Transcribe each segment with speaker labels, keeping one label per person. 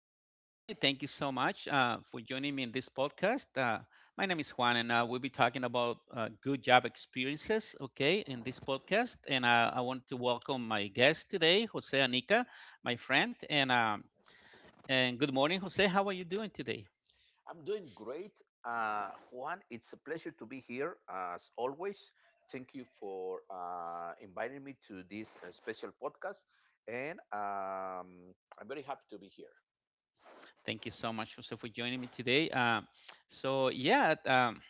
Speaker 1: morning, everybody. Thank you so much for joining me in this podcast. My name is Juan, and we'll be talking about good job experiences, okay, in this podcast. And I want to welcome my guest today, Jose Anica, my friend. And good morning, Jose. How are you doing today?
Speaker 2: I'm doing great. Juan, it's a pleasure to be here as always. Thank you for inviting me to this special podcast. And I'm very happy to be here.
Speaker 1: Thank you so much, Jose, for joining me today. So yeah,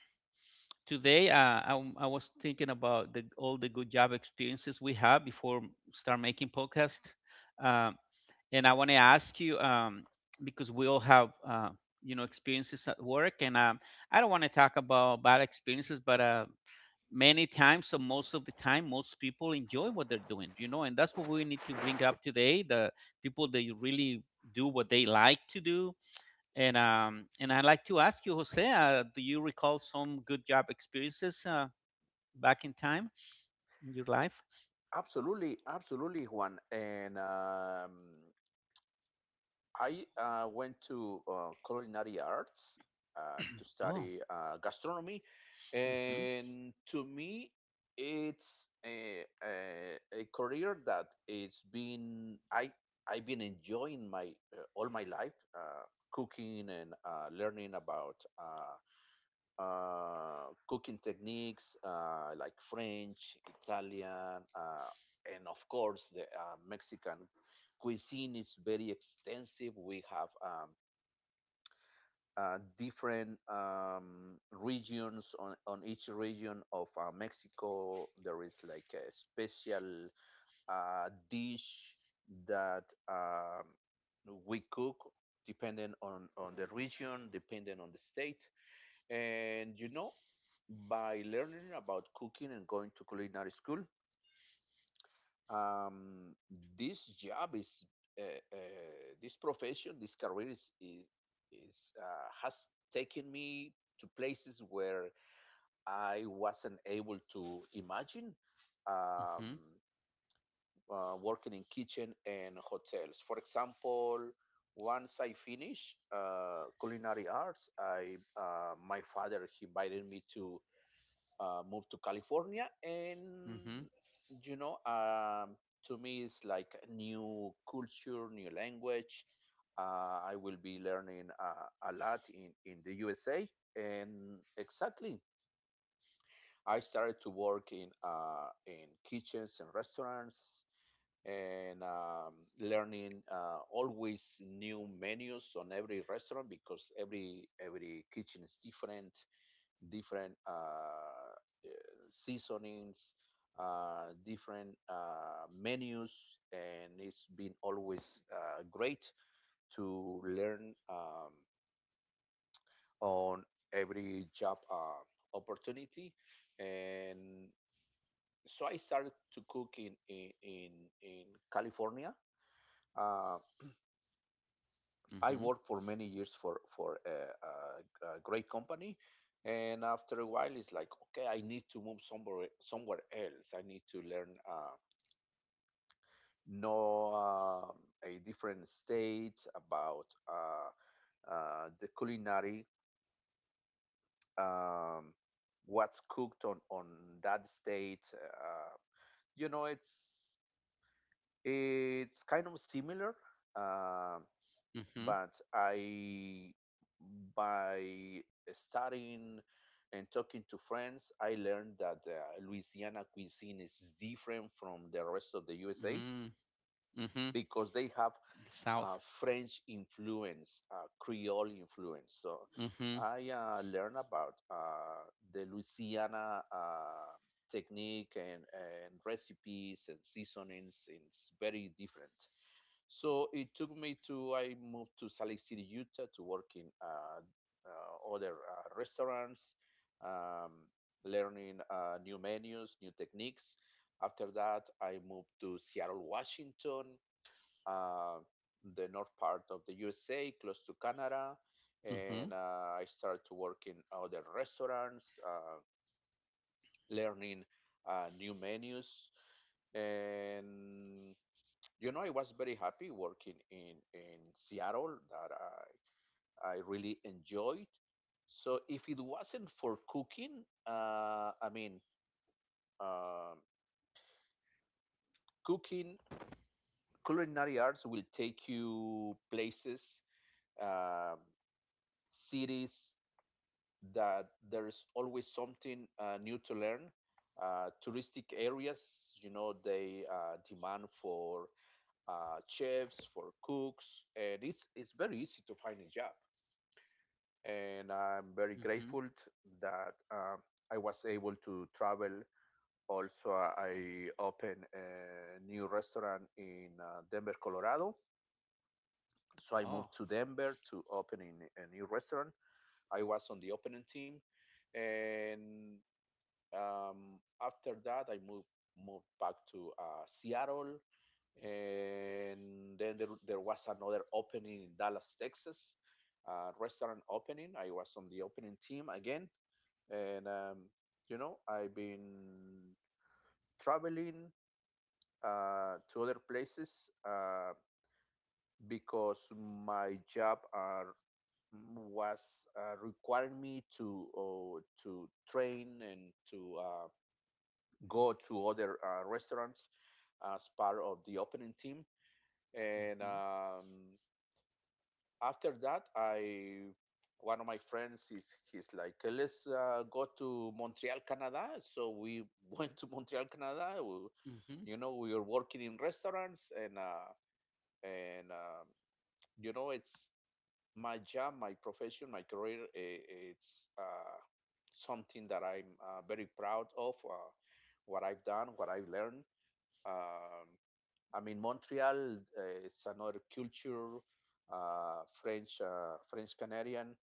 Speaker 1: today I was thinking about all the good job experiences we have before start making podcast. Uh, and I want to ask you, because we all have experiences at work, and I don't want to talk about bad experiences, but many times, so most of the time, most people enjoy what they're doing, and that's what we need to bring up today. The people that really do what they like to do, and I'd like to ask you, Jose, do you recall some good job experiences back in time in your life?
Speaker 2: Absolutely, absolutely, Juan. And I went to culinary arts to
Speaker 1: Oh,
Speaker 2: study gastronomy,
Speaker 1: mm-hmm,
Speaker 2: and to me, it's a career that it's been I've been enjoying my all my life, cooking and learning about cooking techniques like French, Italian, and of course the Mexican cuisine is very extensive. We have different regions on each region of Mexico. There is like a special dish that, um, we cook depending on the region, depending on the state. and you know, by learning about cooking and going to culinary school, um, this job is, uh, uh, this profession, this career is has taken me to places where I wasn't able to imagine,
Speaker 1: mm-hmm,
Speaker 2: um, working in kitchen and hotels. For example, once I finished culinary arts, I my father he invited me to moved to California.
Speaker 1: mm-hmm,
Speaker 2: You know, um, to me, it's like a new culture, new language. I will be learning a lot in the USA, and exactly, I started to work in kitchens and restaurants. And learning, always new menus on every restaurant because every kitchen is different, different seasonings, different menus, and it's been always great to learn, on every job opportunity. And so I started to cook in California. Uh,
Speaker 1: mm-hmm,
Speaker 2: I worked for many years for a great company, and after a while, it's like okay, I need to move somewhere else. I need to learn. Know, um a different state, about uh, the culinary, um, what's cooked on that state. You know, it's it's kind of similar, uh, but I by studying and talking to friends, I learned that Louisiana cuisine is different from the rest of the USA
Speaker 1: mm-hmm, mm-hmm.
Speaker 2: because they have
Speaker 1: The South.
Speaker 2: French influence, Creole influence. So
Speaker 1: Mm-hmm.
Speaker 2: I learned about the Louisiana technique and recipes and seasonings. It's very different. So it took me to, I moved to Salt Lake City, Utah to work in other restaurants, um, learning new menus, new techniques. After that, I moved to Seattle, Washington, uh, the north part of the USA, close to Canada,
Speaker 1: Mm-hmm.
Speaker 2: and I started to work in other restaurants, learning new menus, and you know I was very happy working in Seattle that I really enjoyed. So if it wasn't for cooking, I mean, um cooking culinary arts will take you places, um cities that there is always something new to learn. Touristic areas, you know, they demand for chefs, for cooks, and it's very easy to find a job. And
Speaker 1: Mm-hmm.
Speaker 2: I'm very grateful that, I was able to travel. Also, I opened a new restaurant in Denver, Colorado. So
Speaker 1: Oh.
Speaker 2: I moved to Denver to open in a new restaurant. I was on the opening team. And After that, I moved back to Seattle, and then there was another opening in Dallas, Texas, restaurant opening. I was on the opening team again, and you know I've been traveling to other places because my job was requiring me to train and to go to other restaurants as part of the opening team. And
Speaker 1: Mm-hmm.
Speaker 2: After that, I one of my friends is he's like let's go to Montreal, Canada. So we went to Montreal, Canada.
Speaker 1: Mm-hmm.
Speaker 2: You know, we were working in restaurants, and you know, it's my job, my profession, my career. It's something that I'm very proud of. What I've done, what I've learned. Um, I mean, Montreal, it's another culture, French, French Canadian,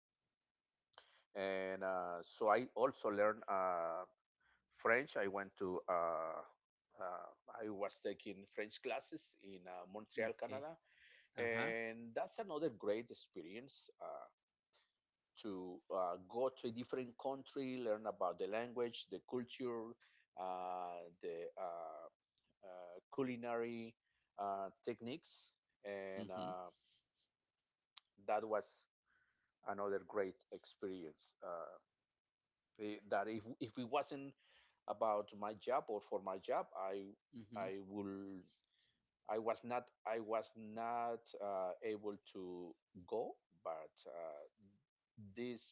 Speaker 2: and so I also learned French. Uh, I was taking French classes in Montreal,
Speaker 1: Okay.
Speaker 2: Canada,
Speaker 1: Uh-huh.
Speaker 2: and that's another great experience. To go to a different country, learn about the language, the culture, the culinary techniques, and
Speaker 1: Mm-hmm.
Speaker 2: that was another great experience. That if it wasn't about my job or for my job,
Speaker 1: Mm-hmm.
Speaker 2: I will I was not able to go. But this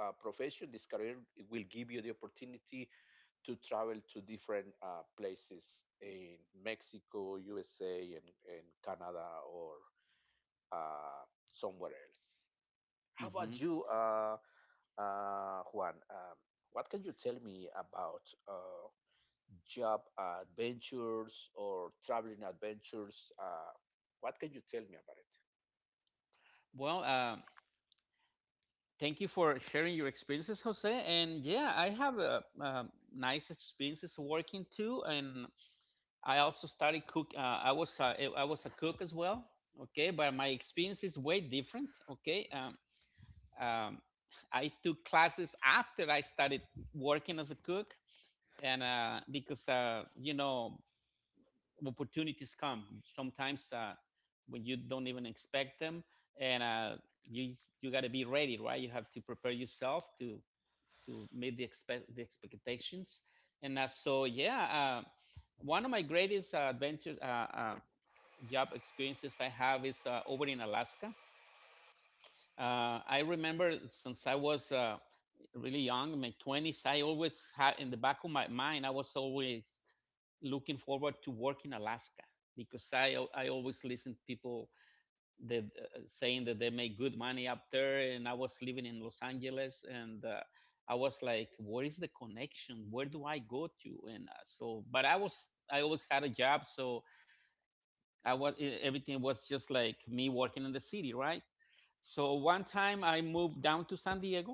Speaker 2: profession, this career, will give you the opportunity to travel to different places in Mexico, USA, and Canada, or uh, somewhere else. How
Speaker 1: Mm-hmm.
Speaker 2: about you? Juan, what can you tell me about job adventures or traveling adventures? What can you tell me about it?
Speaker 1: Well, thank you for sharing your experiences, Jose. And yeah, I have nice experiences working too. And I also started cook. I was a cook as well. Okay, but my experience is way different. Okay. Um, I took classes after I started working as a cook. And because, opportunities come sometimes when you don't even expect them, and you you got to be ready, right? You have to prepare yourself to meet the expectations, and so yeah. Uh, One of my greatest adventure job experiences I have is over in Alaska. I remember, since I was really young, in my 20s, I always had in the back of my mind. I was always looking forward to work in Alaska because I always listened to people that, saying that they make good money up there. And I was living in Los Angeles, and I was like, where is the connection? Where do I go to? And so, but I always had a job. So I was, everything was just like me working in the city, right? So one time I moved down to San Diego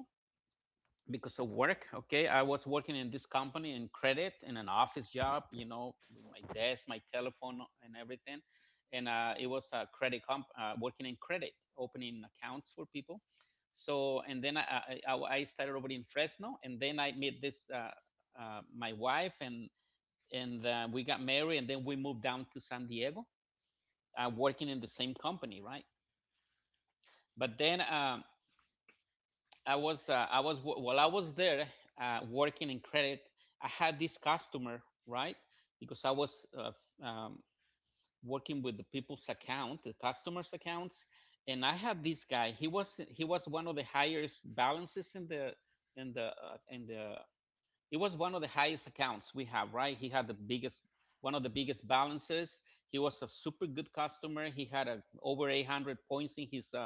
Speaker 1: because of work. Okay, I was working in this company in credit, in an office job, with my desk, my telephone, and everything. And it was working in credit, opening accounts for people. So and then I started over in Fresno, and then I met this my wife, and we got married, and then we moved down to San Diego, working in the same company, right? But then I was while I was there, working in credit, I had this customer, right, because I was um, working with the customers' accounts, and I had this guy. He was one of the highest balances in the. It was one of the highest accounts we have, right? He had the biggest one of the biggest balances. He was a super good customer. He had over 800 points in his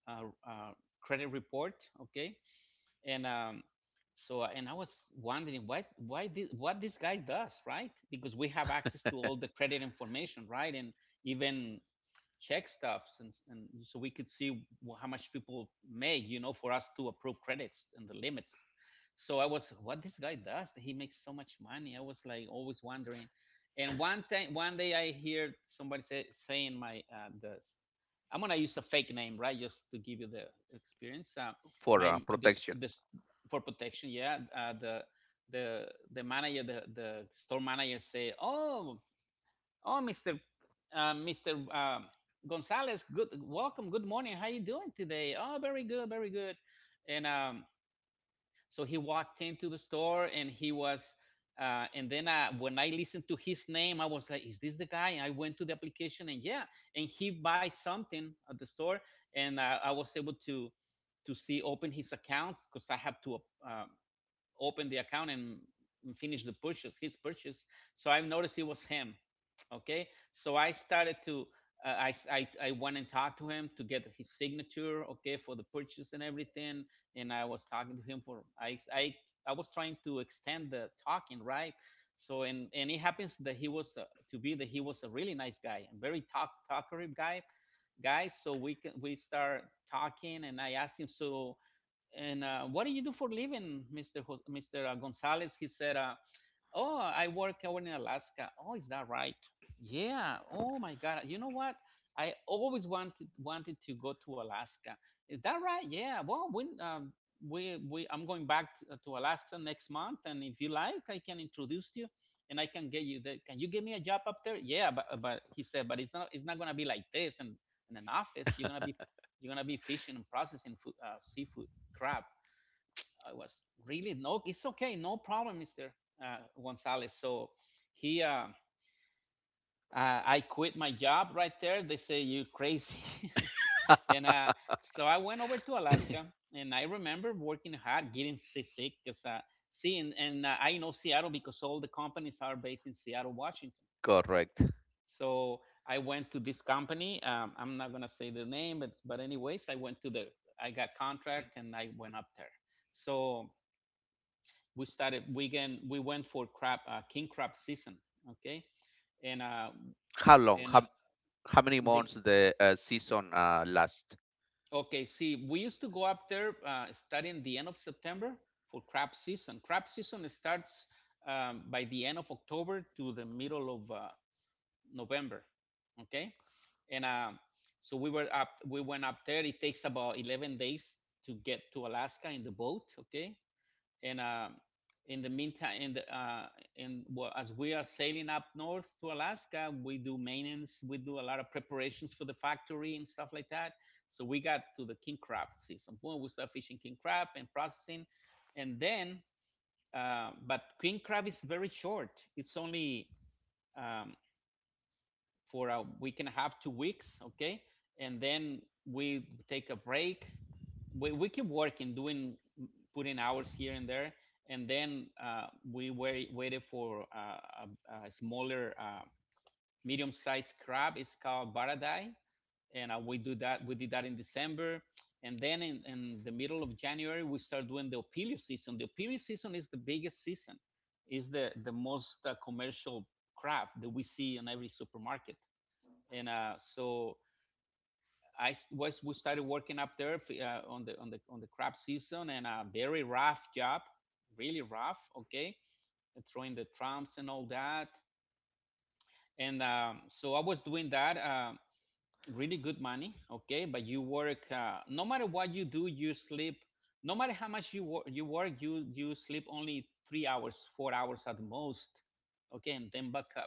Speaker 1: uh, uh, credit report. Okay. And um, so uh, and I was wondering, why did what this guy does, right, because we have access to all the credit information, right, and even check stuffs, and so we could see how much people make, for us to approve credits and the limits. So I was, what this guy does, he makes so much money. I was like always wondering. And one time, one day, I hear somebody saying my the I'm gonna use a fake name, right, just to give you the experience.
Speaker 2: For
Speaker 1: My this
Speaker 2: protection.
Speaker 1: this For protection, yeah. The the manager, the store manager say, "Oh, oh, Mr. Gonzalez. Good, welcome. Good morning. How you doing today?" "Oh, very good, very good." And so he walked into the store, and he was. And then when I listened to his name, I was like, "Is this the guy?" And I went to the application, and yeah, and he buys something at the store, and I was able to see open his account because I have to uh, open the account and finish his purchase. So I noticed it was him. Okay, so I started to. I went and talked to him to get his signature, okay, for the purchase and everything. And I was talking to him for I was trying to extend the talking, right. So and it happens, that he was to be that he was a really nice guy and very talkative guy, so we start talking, and I asked him, so, and "What do you do for living, Mr. Gonzalez?" He said, "Oh, I work over in Alaska." "Oh, is that right?" "Yeah." "Oh my God, you know what? I always wanted to go to Alaska." "Is that right?" "Yeah, well, when we I'm going back to Alaska next month, and if you like, I can introduce you, and I can get you there." "Can you get me a job up there?" "Yeah." But he said, but it's not gonna be like this and in an office. You're gonna be fishing and processing food, seafood, crab. I was really, "No, it's okay, no problem, Mister Gonzalez." So he, uh, I quit my job right there. They say, "You are crazy," and so I went over to Alaska, and I remember working hard, getting seasick, because see, and I know Seattle because all the companies are based in Seattle, Washington.
Speaker 2: Correct.
Speaker 1: So I went to this company. I'm not gonna say the name, but anyways, I got contract, and I went up there. So we started we can we went for crab king crab season, okay, and uh
Speaker 2: How long?
Speaker 1: and
Speaker 2: How many
Speaker 1: they
Speaker 2: months the season last?
Speaker 1: okay, see, we used to go up there starting the end of September for crab season. Crab season starts, by the end of October to the middle of November. Okay and uh. So we went up there. It takes about 11 days to get to Alaska in the boat, okay, and in the meantime, in the in well, as we are sailing up north to Alaska, we do maintenance, we do a lot of preparations for the factory and stuff like that. So we got to the king crab season. Boom, we start fishing king crab and processing, and then but king crab is very short. It's only, um, for a week and a half, 2 weeks, okay? And then we take a break. We keep working, doing putting hours here and there, and then waited for a smaller, medium-sized crab. It's called baradai, and we do that. We did that in December, and then in the middle of January we start doing the opilio season. The opilio season is the biggest season. Is the most commercial crab that we see in every supermarket, and so I was we started working up there on the crab season, and a very rough job, really rough. Okay, and throwing the trumps and all that, and so I was doing that. Really good money, okay, but you work. No matter what you do, you sleep. No matter how much you work, you sleep only 3 hours, 4 hours at most, okay, and then back up.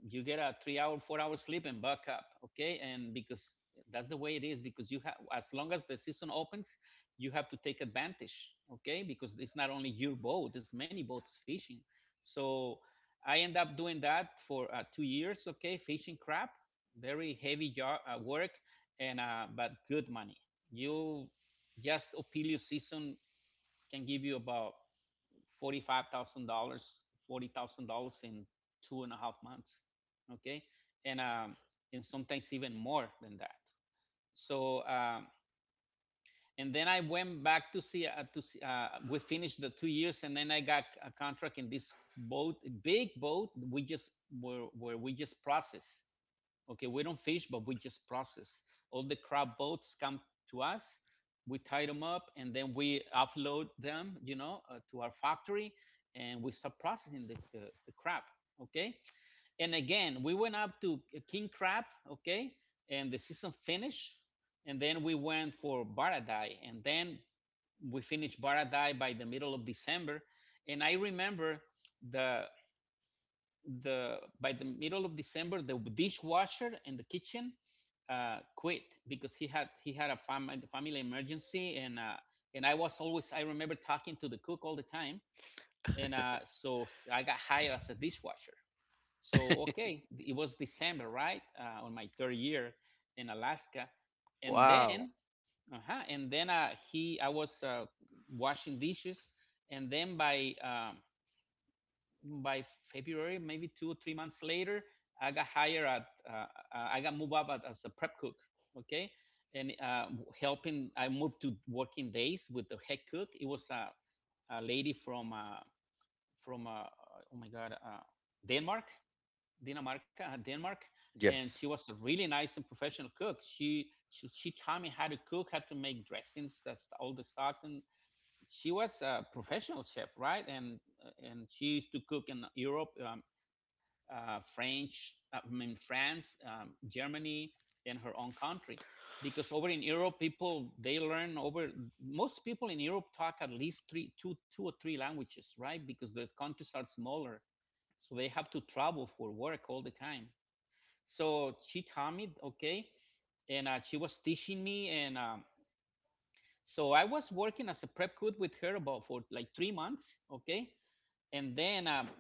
Speaker 1: You get a 3 hour, 4 hour sleep and buck up. Okay. And because that's the way it is, because you have, as long as the season opens, you have to take advantage. Okay. Because it's not only your boat, there's many boats fishing. So I end up doing that for 2 years. Okay. Fishing crab, very heavy work, and, but good money. You, just Opelio season can give you about $45,000, $40,000 in 2.5 months. Okay, and um, and sometimes even more than that. So and then I went back to see, we finished the 2 years, and then I got a contract in this boat, big boat. We just were where we just process. Okay, we don't fish, but we just process. All the crab boats come to us. We tie them up and then we offload them, to our factory, and we start processing the crab. Okay, and again, we went up to king crab. Okay, and the season finished, and then we went for Baradai, and then we finished Baradai by the middle of December. And I remember the the by the middle of December, the dishwasher in the kitchen quit because he had a family emergency, and I was always I remember talking to the cook all the time, and so I got hired as a dishwasher. So okay, it was December, right, on my third year in Alaska, and then
Speaker 2: Wow.
Speaker 1: uh-huh, and then he I was washing dishes, and then by February, maybe 2 or 3 months later, I got hired at, uh, uh, I got moved up at, as a prep cook. Okay. And helping, I moved to working days with the head cook. It was a lady from, from, uh, oh my God, Denmark, Dinamarca, Denmark. And she
Speaker 2: Yes.
Speaker 1: was a really nice and professional cook. She taught me how to cook, how to make dressings, that's all the stocks, and she was a professional chef, right? And she used to cook in Europe, French, I mean France, Germany, and her own country, because over in Europe, people they learn over. Most people in Europe talk at least two, or three languages, right? Because the countries are smaller, so they have to travel for work all the time. So she taught me, okay, and she was teaching me, and so I was working as a prep cook with her about for like 3 months, okay, and then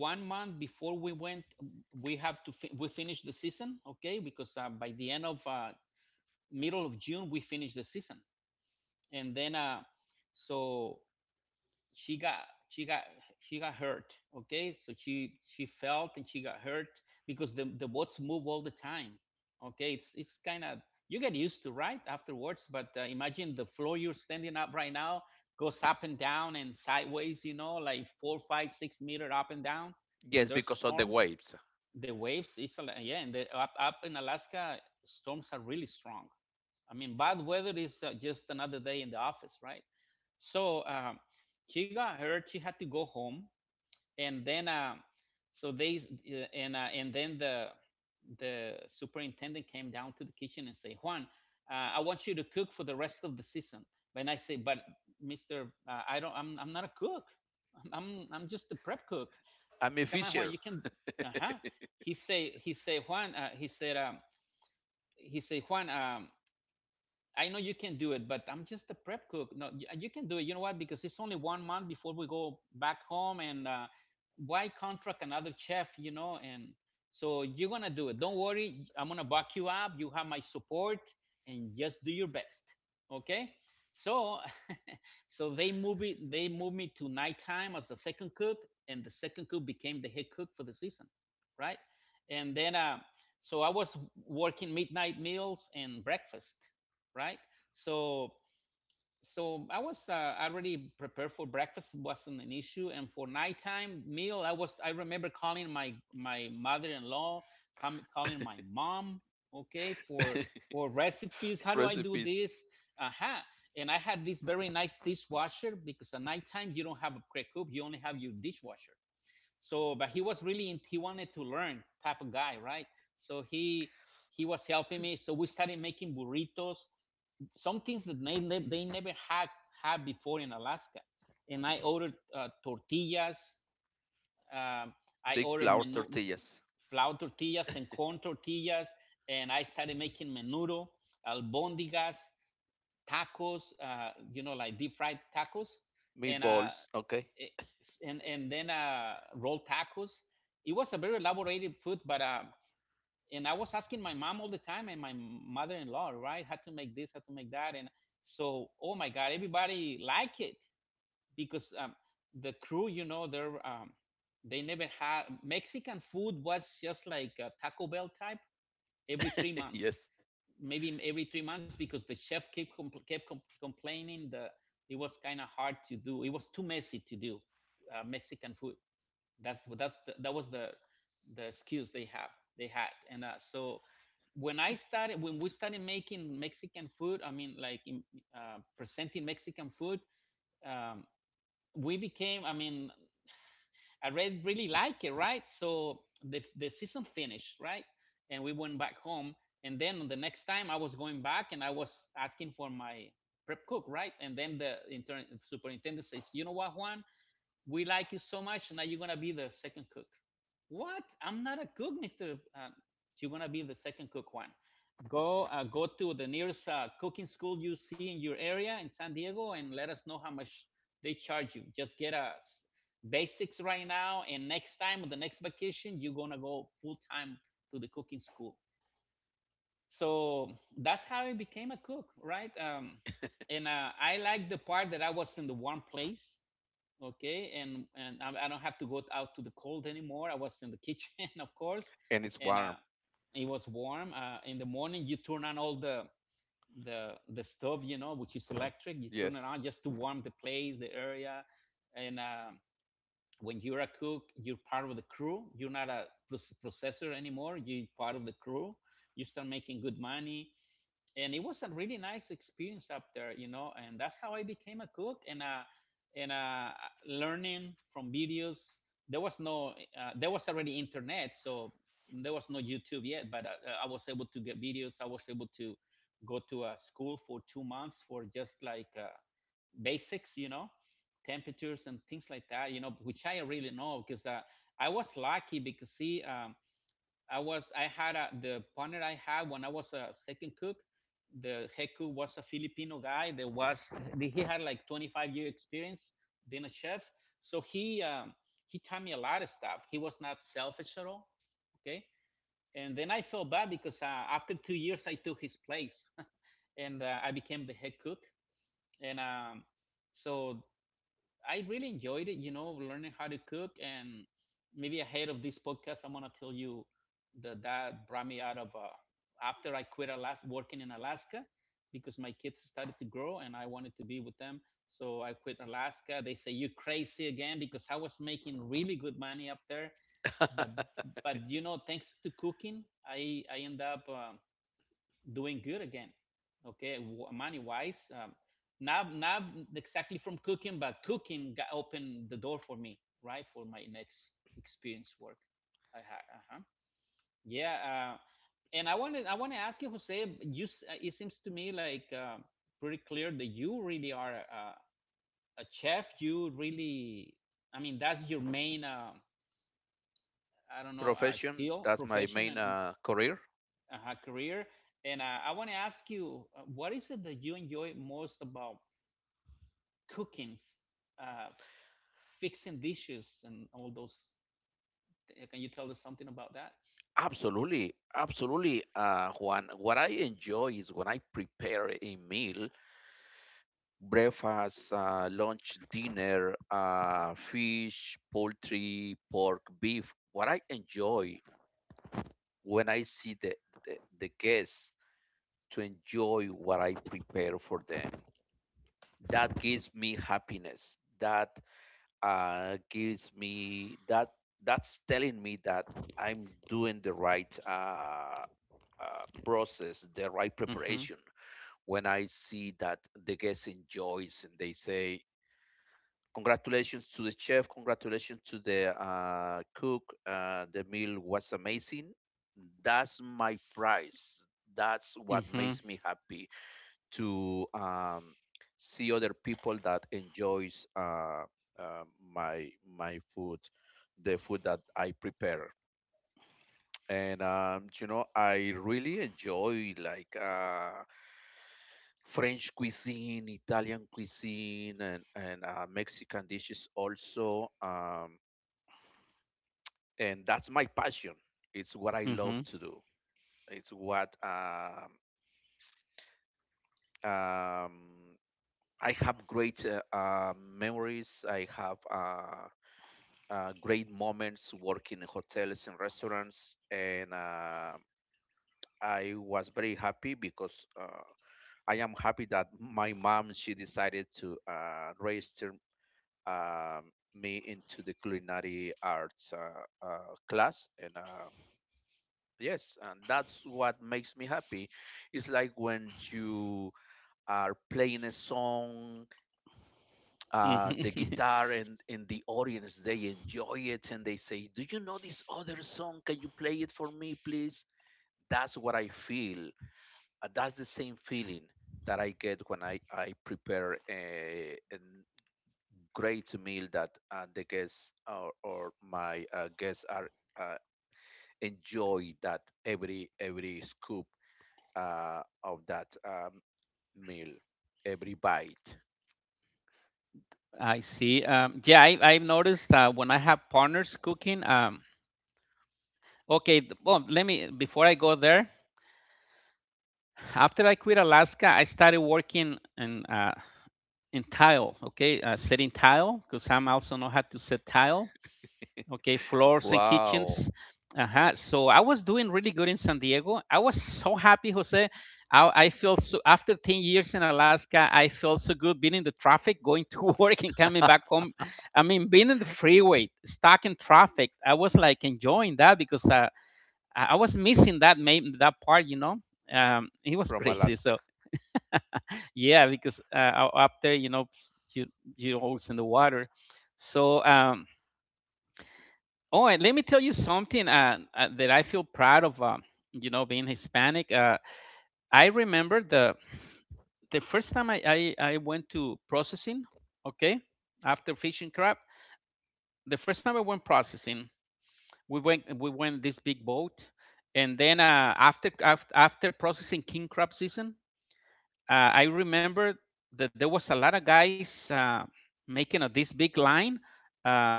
Speaker 1: 1 month before we went, we have to fi- we finish the season, okay, because by the end of middle of June we finish the season, and then so she got she got she got hurt. Okay, so she felt and she got hurt, because the boats move all the time. Okay, it's kind of, you get used to right afterwards, but imagine the floor you're standing up right now goes up and down and sideways, you know, like 4, 5, 6 meter up and down
Speaker 2: Yes,
Speaker 1: when there's
Speaker 2: because of the
Speaker 1: storms,
Speaker 2: waves.
Speaker 1: the waves. Yeah, and the, up in Alaska storms are really strong. I mean, bad weather is just another day in the office, right? So she got hurt. She had to go home, and then so they and then the superintendent came down to the kitchen and say, Juan, I want you to cook for the rest of the season. And I say, but Mister, I don't. I'm not a cook. I'm just a prep cook.
Speaker 2: I'm a
Speaker 1: Come on, Juan,
Speaker 2: fisher.
Speaker 1: you can. Uh huh. He say Juan. He say Juan. I know you can do it, but I'm just a prep cook. No, you can do it. You know why? Because it's only 1 month before we go back home, and why contract another chef? You know, and so you're gonna do it. Don't worry. I'm gonna back you up. You have my support, and just do your best. Okay. So, so they move it. They moved me to nighttime as the second cook, and the second cook became the head cook for the season, right? And then, so I was working midnight meals and breakfast, right? So so I was already prepared for breakfast wasn't an issue, and for nighttime meal, I remember calling my mother-in-law, calling my mom, okay, for recipes. How do I do
Speaker 2: Recipes:
Speaker 1: this? Uh-huh. And I had this very nice dishwasher because at nighttime you don't have a pre-cook, you only have your dishwasher. So, but he was he wanted to learn type of guy, right? So he was helping me. So we started making burritos, some things that they never had before in Alaska. And I ordered tortillas. Um, I
Speaker 2: big
Speaker 1: ordered
Speaker 2: flour
Speaker 1: menu
Speaker 2: tortillas,
Speaker 1: flour tortillas and corn tortillas, and I started making menudo, albondigas, tacos. You know, like deep fried tacos, and
Speaker 2: meatballs. Okay.
Speaker 1: and then rolled tacos. It was a very elaborated food, but and I was asking my mom all the time and my mother-in-law, right? How to make this, how to make that, and so oh my god, everybody liked it because the crew, you know, they never had Mexican food, was just like a Taco Bell type every three
Speaker 2: Yes,
Speaker 1: months, maybe every 3 months because the chef kept compl- kept com- complaining that it was kind of hard to do, it was too messy to do Mexican food. That was the skills they had, and so when we started making Mexican food, I mean, like, presenting Mexican food, um, we became, I mean, I really, really like it, right? So the season finished, right, and we went back home, and then the next time I was going back and I was asking for my prep cook, right, and then the intern superintendent says, you know what, Juan, we like you so much, now you're gonna be the second cook. What? I'm not a cook, Mister. You're gonna be the second cook one. Go go to the nearest cooking school you see in your area in San Diego, and let us know how much they charge you. Just get us basics right now, and next time, the next vacation, you're gonna go full time to the cooking school. So that's how I became a cook, right? And I like the part that I was in the warm place, okay, and I don't have to go out to the cold anymore. I was in the kitchen, of course,
Speaker 2: and it's
Speaker 1: and
Speaker 2: warm.
Speaker 1: it was warm. In the morning, you turn on all the the stove, you know, which is electric. You turn it
Speaker 2: Yes.
Speaker 1: on just to warm the place, the area, and. When you're a cook, you're part of the crew. You're not a processor anymore. You're part of the crew. You start making good money, and it was a really nice experience up there, you know, and that's how I became a cook. And Learning from videos. There was no there was already internet, so there was no YouTube yet, but I was able to get videos. I was able to go to a school for 2 months for just like basics, you know, temperatures and things like that, you know, which I really know because I was lucky because see, I had a, the partner I had when I was a second cook. The head cook was a Filipino guy that was he had like 25-year experience being a chef. So he taught me a lot of stuff. He was not selfish at all. Okay. And then I felt bad because after 2 years I took his place and I became the head cook. And so I really enjoyed it, you know, learning how to cook. And maybe ahead of this podcast, I'm gonna tell you that that brought me out of after I quit Alaska, working in Alaska, because my kids started to grow and I wanted to be with them. So I quit Alaska. They say you crazy again because I was making really good money up there. But but you know, thanks to cooking, I end up doing good again. Okay, money wise, not exactly from cooking, but cooking got opened the door for me, right, for my next experience work. I had, uh-huh. Yeah, and I want to ask you, Jose. You, it seems to me like pretty clear that you really are a chef. You really, I mean, that's your main, I don't know,
Speaker 2: Profession,
Speaker 1: skill,
Speaker 2: that's my
Speaker 1: profession,
Speaker 2: main
Speaker 1: and
Speaker 2: career.
Speaker 1: career. And I want to ask you, what is it that you enjoy most about cooking, uh, f- fixing dishes, and all those? Can you tell us something about that?
Speaker 2: Absolutely, absolutely, Juan. What I enjoy is when I prepare a meal, breakfast, lunch, dinner, fish, poultry, pork, beef. What I enjoy, when I see the guests to enjoy what I prepare for them, that gives me happiness. That gives me that. That's telling me that I'm doing the right process, the right
Speaker 1: Mhm,
Speaker 2: preparation. When I see that the guest enjoys and they say, "Congratulations to the chef! Congratulations to the cook! The meal was amazing." That's my prize. That's what
Speaker 1: mhm,
Speaker 2: makes me happy to, see other people that enjoys my food, the food that I prepare. And you know, I really enjoy like French cuisine, Italian cuisine, and Mexican dishes also. And that's my passion. It's what I love
Speaker 1: mhm,
Speaker 2: to do. It's what um, I have great, memories. I have great moments working in hotels and restaurants, and I was very happy because I am happy that my mom she decided to register me into the culinary arts class. And Yes, and that's what makes me happy. It's like when you are playing a song, the
Speaker 1: mhm.
Speaker 2: guitar, and the audience they enjoy it and they say, do you know this other song, can you play it for me please? That's what I feel. That's the same feeling that I get when I prepare a great meal that, the guests or my guests are, uh, enjoy that every scoop of that, meal, every bite.
Speaker 1: I see. Yeah, I've noticed that when I have partners cooking, okay, well, let me, before I go there, after I quit Alaska, I started working in, in tile, okay, setting tile, because I'm also know how to set tile. Okay, floors and kitchens.
Speaker 2: Wow.
Speaker 1: Uh-huh. So I was doing really good in San Diego. I was so happy, Jose. I feel so, after 10 years in Alaska, I felt so good being in the traffic going to work and coming back home. I mean, being in the freeway stuck in traffic, I was like enjoying that, because I was missing that part. It was
Speaker 2: From
Speaker 1: crazy,
Speaker 2: Alaska.
Speaker 1: so. Yeah, because, up there, you you always in the water. So. Oh, and let me tell you something, that I feel proud of. Being Hispanic, I remember the first time, I went to processing. Okay, after fishing crab, the first time I went processing, we went this big boat, and then after processing king crab season. I remember that there was a lot of guys making this big line. um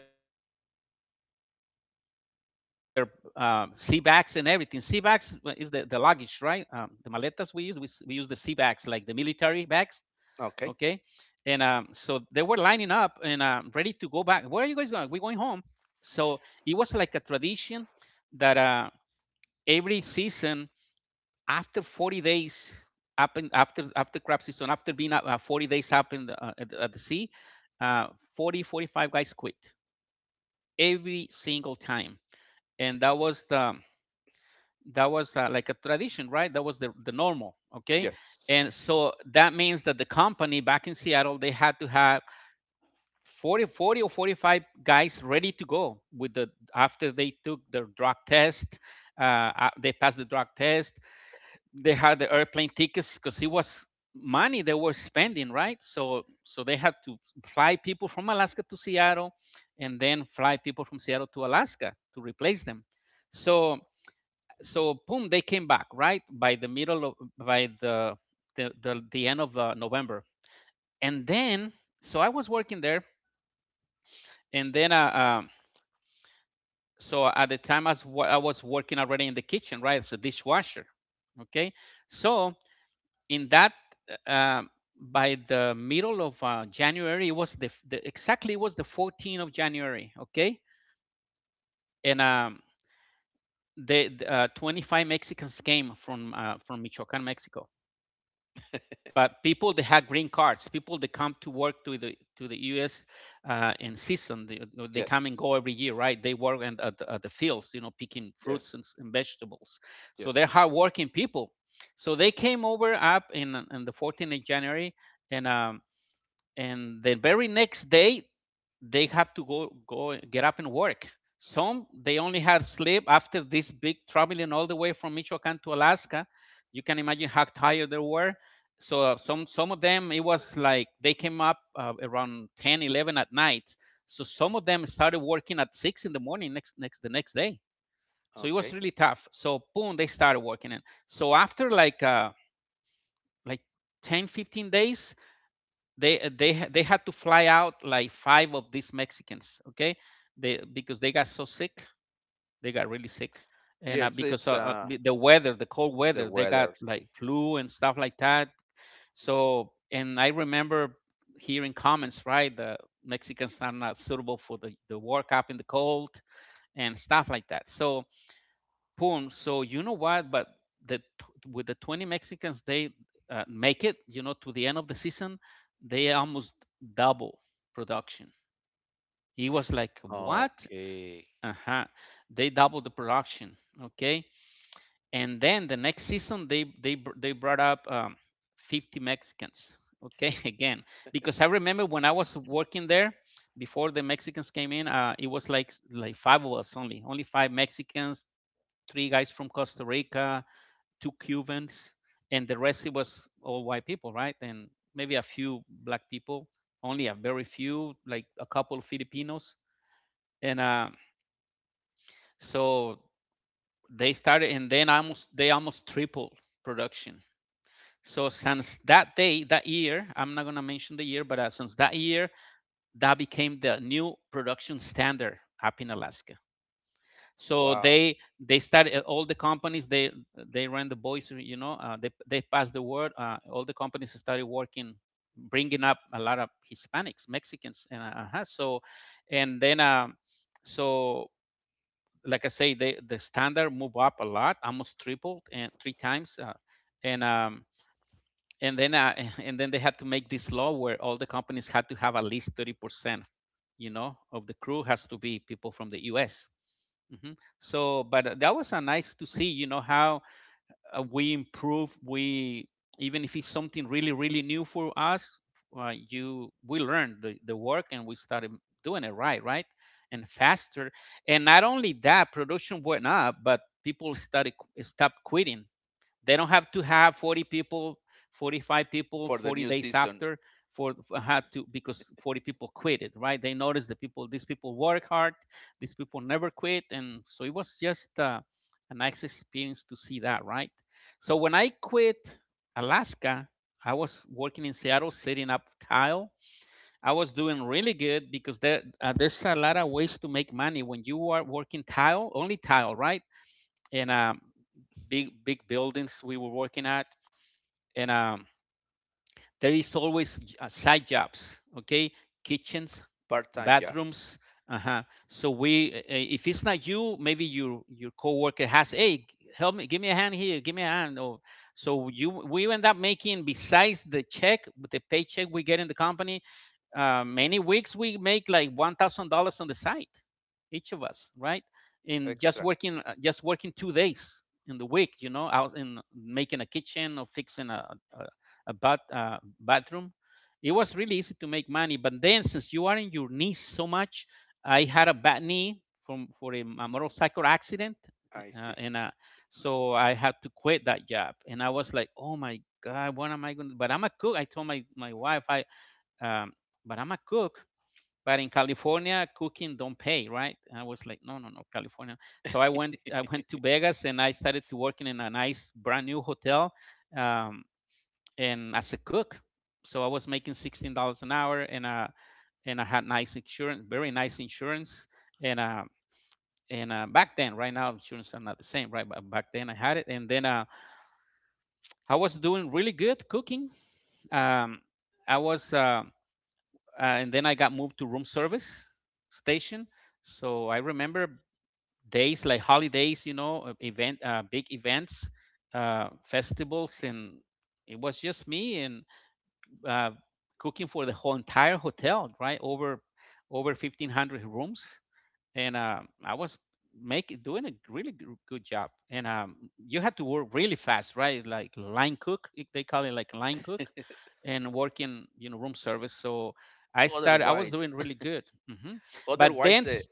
Speaker 1: Sea bags and everything. Sea bags is the luggage, right? The maletas we use, we use the sea bags, like the military bags. Okay. And, so they were
Speaker 2: Okay.
Speaker 1: lining up and, ready to go back. Where are you guys going? We're going home. So it was like a tradition that, every season, after 40 days, up in, after after crab season, after being, 40 days up in, at the sea. uh, 40, 45 guys quit every single time. And that was the— that was like a tradition, right? That was the normal. Okay.
Speaker 2: Yes.
Speaker 1: And so that means that the company back in Seattle, they had to have forty or 45 guys ready to go, with the after they took their drug test. They passed the drug test. They had the airplane tickets because it was money they were spending, right? So, they had to fly people from Alaska to Seattle, and then fly people from Seattle to Alaska to replace them. So, boom, they came back, right? By the middle of by the end of, November. And then, so I was working there. And then, so at the time, I was working already in the kitchen, right, as a dishwasher. Okay. So, in that uh, um, by the middle of, January— it was the, f- the exactly, it was the 14th of January. Okay. And, the 25 Mexicans came from, from michoacan mexico. But people that have green cards, people that come to work to the U.S. In season, they
Speaker 2: Yes.
Speaker 1: come and go every year, right? They work, at the fields, picking fruits
Speaker 2: Yes.
Speaker 1: and vegetables. So they're
Speaker 2: Yes.
Speaker 1: hardworking people. So they came over, up in the 14th of January, and, and the very next day, they have to go get up and work. Some, they only had sleep after this big traveling all the way from Michoacan to Alaska. You can imagine how tired they were. So, some of them, it was like they came up, around 10, 11 at night. So some of them started working at 6 in the morning, next next the next day. So it was
Speaker 2: Okay.
Speaker 1: really tough. So boom, they started working. And so after, like 10, 15 days, they had to fly out like five of these Mexicans, okay? They Because they got so sick, they got really sick, and,
Speaker 2: Yes,
Speaker 1: because,
Speaker 2: it's
Speaker 1: the cold
Speaker 2: the
Speaker 1: weather, they got
Speaker 2: weather. See.
Speaker 1: like flu and stuff like that. So, and I remember hearing comments, right? The Mexicans are not suitable for the work up in the cold and stuff like that. So boom. So you know what? But, the with the 20 Mexicans, they, make it. You know, to the end of the season, they almost double production. He was like, "What?
Speaker 2: Okay.
Speaker 1: Uh huh." They doubled the production. Okay, and then the next season, they brought up, 50 Mexicans. Okay, again, because I remember when I was working there, before the Mexicans came in, it was like five of us, only, only five Mexicans, three guys from Costa Rica, two Cubans, and the rest, it was all white people, right? And maybe a few black people, only a very few, like a couple of Filipinos. And, so they started, and then almost, they almost tripled production. So since that day, that year— I'm not gonna mention the year, but, since that year, that became the new production standard up in Alaska. So
Speaker 2: Wow.
Speaker 1: they started. All the companies, they ran the voice, they passed the word. All the companies started working, bringing up a lot of Hispanics, Mexicans, and, uh-huh. So. And then, so, like I say, the standard moved up a lot, almost tripled, and three times. Uh, and um and then, and then they had to make this law where all the companies had to have at least 30%, of the crew has to be people from the U.S. Hmm. So, but, that was, nice to see, how, we improve. We, even if it's something really, really new for us, you we learn the work, and we started doing it right, right, and faster. And not only that, production went up, but people started stopped quitting. They don't have to have 40 people, 45 people,
Speaker 2: For the
Speaker 1: 40
Speaker 2: new
Speaker 1: days
Speaker 2: season,
Speaker 1: after, for had to because 40 people quit it, right? They noticed the people. These people work hard, these people never quit, and so it was just, a nice experience to see that, right? So when I quit Alaska, I was working in Seattle setting up tile. I was doing really good because, there's a lot of ways to make money when you are working tile, only tile, right? And, big buildings we were working at. And, there is always, side jobs. Okay, kitchens,
Speaker 2: part-time jobs.
Speaker 1: bathrooms. Uh-huh. So, we if it's not you, maybe your coworker has, "Hey, help me, give me a hand here, give me a hand." Or, so, you we end up making, besides the check, with the paycheck we get in the company, many weeks we make like $1,000 on the side, each of us, right? In just
Speaker 2: Extra.
Speaker 1: working, uh, just working 2 days in the week, out in making a kitchen or fixing a, a bathroom. It was really easy to make money, but then, since you are in your knees so much, I had a bad knee, from for a motorcycle accident,
Speaker 2: I see.
Speaker 1: and, so I had to quit that job. And I was like, "Oh my God, what am I going to?" But I'm a cook. I told my wife, I um, but I'm a cook. But in California, cooking don't pay, right? And I was like, no, no, no, California. So I went, I went to Vegas and I started to working in a nice brand new hotel, um, and as a cook. So I was making $16 an hour, and, and I had nice insurance, very nice insurance, and uh, and back then— right now, insurance are not the same, right? But back then I had it, and then, I was doing really good cooking. Um, I was and then I got moved to room service station. So I remember days like holidays, big events, festivals, and it was just me and, uh, cooking for the whole entire hotel, right? Over 1,500 rooms, and I was making doing a really good job. And, you had to work really fast, right? Like line cook— they call it like line cook, and working, room service. So I was
Speaker 2: Otherwise,
Speaker 1: doing really good. Hmm. But
Speaker 2: otherwise
Speaker 1: then,
Speaker 2: the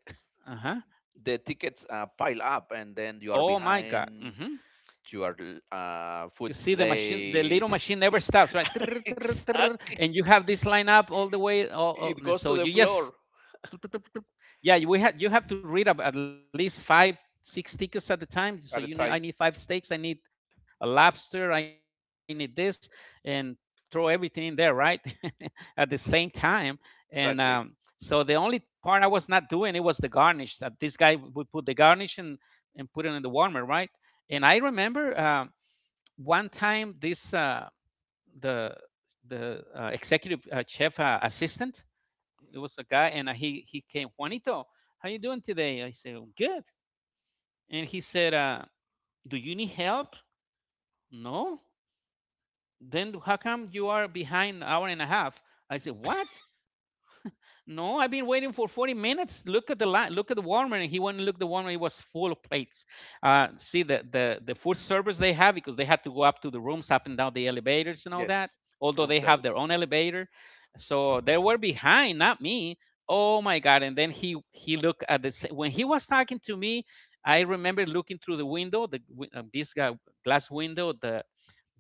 Speaker 1: uh-huh.
Speaker 2: the tickets pile up and then you are
Speaker 1: Oh my God.
Speaker 2: behind.
Speaker 1: Hmm.
Speaker 2: You are
Speaker 1: You
Speaker 2: Food's
Speaker 1: see, the
Speaker 2: late.
Speaker 1: little machine never stops, right? Trrr, trrr, trrr, and
Speaker 2: Exactly,
Speaker 1: you have this line up all the way,
Speaker 2: it
Speaker 1: and
Speaker 2: goes to
Speaker 1: so
Speaker 2: the
Speaker 1: you just—
Speaker 2: floor
Speaker 1: Yeah, you- we had you have to read up at least five, six tickets at a time. So,
Speaker 2: at a
Speaker 1: you need
Speaker 2: time.
Speaker 1: I need five steaks, I need a lobster, I need this, and throw everything in there, right? at the same time. And, so
Speaker 2: Exactly.
Speaker 1: the only part I was not doing, it was the garnish, that this guy would put the garnish and put it in the warmer, right? And I remember one time this the the executive chef assistant, it was a guy, and he came. Juanito, how you doing today? I said, "Oh, good." And he said, do you need help? No. Then how come you are behind an hour and a half? I said, what? No, I've been waiting for 40 minutes. Look at the line. Look at the warmer. And he went and looked at the warmer. It was full of plates. See, the food service they have, because they had to go up to the rooms, up and down the elevators and all that.
Speaker 2: Yes.
Speaker 1: Although
Speaker 2: Room
Speaker 1: they have their
Speaker 2: service.
Speaker 1: own elevator, so they were behind, not me. Oh my God! And then he looked at the when he was talking to me, I remember looking through the window, the this guy, glass window, the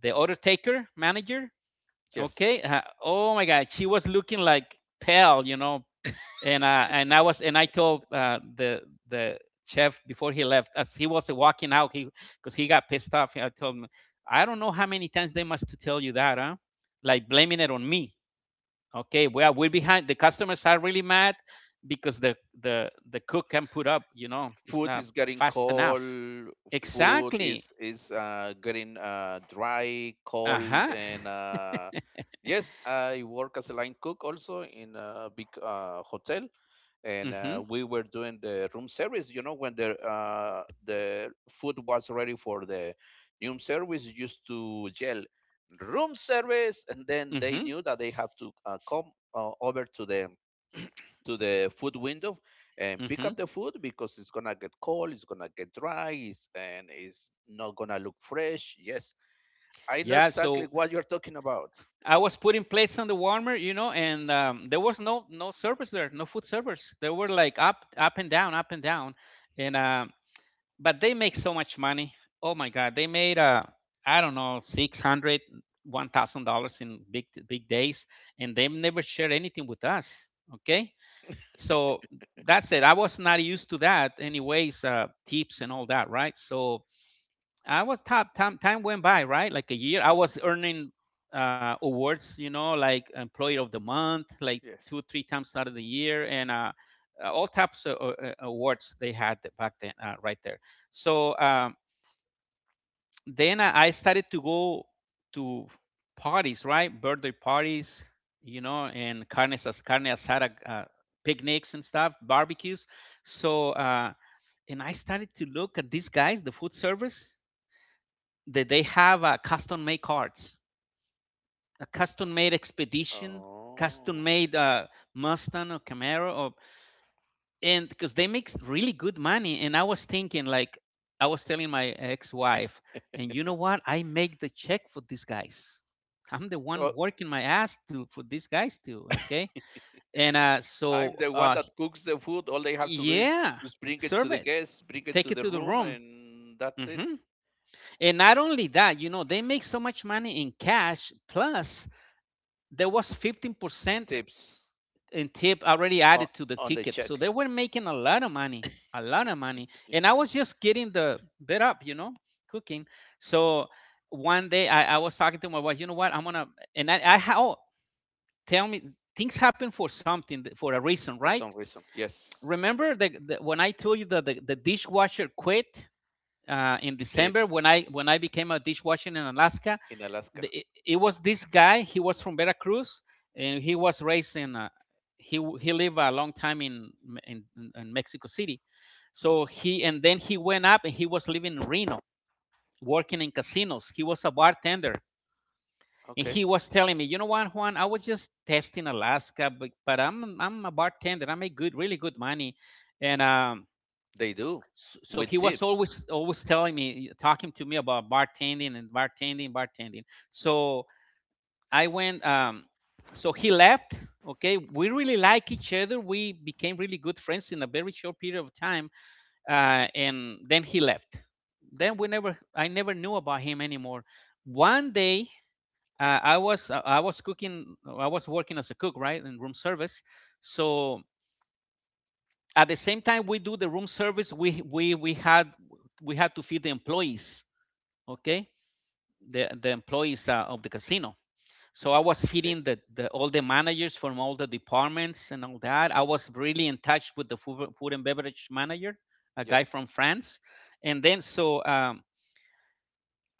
Speaker 1: the order taker manager.
Speaker 2: Yes.
Speaker 1: Okay. Oh my God, she was looking like pale, and I was, and I told the chef before he left, as he was walking out, he, because he got pissed off. I told him, I don't know how many times they must to tell you that, huh? Like blaming it on me. Okay, well, we're behind. The customers are really mad because the cook can put up. You know, it's
Speaker 2: Food
Speaker 1: not
Speaker 2: is getting
Speaker 1: fast enough.
Speaker 2: cold. food
Speaker 1: Exactly.
Speaker 2: is is getting dry,
Speaker 1: Uh
Speaker 2: cold,
Speaker 1: huh.
Speaker 2: and yes, I work as a line cook also in a big hotel. And
Speaker 1: Mhm.
Speaker 2: we were doing the room service. You know, when the food was ready for the room service, you used to yell "room service," and then they
Speaker 1: Mhm.
Speaker 2: knew that they have to come over to the food window and pick
Speaker 1: Mhm.
Speaker 2: up the food because it's gonna get cold, it's gonna get dry, and it's not gonna look fresh. Yes, I know
Speaker 1: Yeah.
Speaker 2: exactly
Speaker 1: So
Speaker 2: what you're talking about.
Speaker 1: I was putting plates on the warmer, you know, and there was no servers there, no food servers. They were like up and down, up and down, and but they make so much money. Oh my God, they made I don't know, 600, $1,000 in big days, and they never shared anything with us. Okay, so that's it. I was not used to that, anyways. Tips and all that, right? So I was top. Time went by, right? Like a year. I was earning awards, you know, like Employee of the Month, like two or
Speaker 2: Yes.
Speaker 1: three times out of the year, and all types of awards they had back then, right there. So then I started to go to parties, right? Birthday parties, you know, and carne asada, picnics and stuff, barbecues. So and I started to look at these guys, the food service, that they have custom made cards, a custom made expedition, custom
Speaker 2: Oh.
Speaker 1: made Mustang or Camaro, or, and because they make really good money. And I was thinking, like, I was telling my ex wife, and you know what? I make the check for these guys. I'm the one working my ass to for these guys too, okay. And
Speaker 2: I'm the one that cooks the food. All they have to do is
Speaker 1: yeah,
Speaker 2: just bring it to
Speaker 1: serve
Speaker 2: the
Speaker 1: it,
Speaker 2: guests, bring it
Speaker 1: take
Speaker 2: to
Speaker 1: it
Speaker 2: the
Speaker 1: to the
Speaker 2: room,
Speaker 1: room.
Speaker 2: and that's it.
Speaker 1: Hmm. And not only that, you know, they make so much money in cash. Plus, there was 15%
Speaker 2: Tips
Speaker 1: in tip already
Speaker 2: on,
Speaker 1: added to the
Speaker 2: on the
Speaker 1: ticket. So
Speaker 2: check,
Speaker 1: they were making a lot of money, a lot of money. And I was just getting the bit up, you know, cooking. So one day I was talking to my wife, you know what, I'm going to, and tell me, things happen for something, for a reason,
Speaker 2: for
Speaker 1: right?
Speaker 2: some reason. Yes,
Speaker 1: Remember when I told you that the dishwasher quit in
Speaker 2: in
Speaker 1: December, when I became a dishwasher in Alaska,
Speaker 2: in Alaska.
Speaker 1: it was this guy. He was from Veracruz, and he was raised in. He lived a long time in, in Mexico City, so he, and then he went up and he was living in Reno, working in casinos. He was a bartender, and
Speaker 2: Okay,
Speaker 1: he was telling me, you know what, Juan, I was just testing Alaska, but, I'm a bartender. I make good, really good money, and
Speaker 2: they do
Speaker 1: so, so he
Speaker 2: with
Speaker 1: was
Speaker 2: tips.
Speaker 1: always telling me, talking to me about bartending and bartending, bartending. So I went. So he left. Okay, we really like each other. We became really good friends in a very short period of time, and then he left. Then we never, I never knew about him anymore. One day, I was cooking, I was working as a cook, right, in room service. So at the same time we do the room service, we had we had to feed the employees. Okay, the employees of the casino. So I was
Speaker 2: Okay,
Speaker 1: feeding the all the managers from all the departments and all that. I was really in touch with the food and beverage manager, a guy
Speaker 2: yes.
Speaker 1: from France. And then so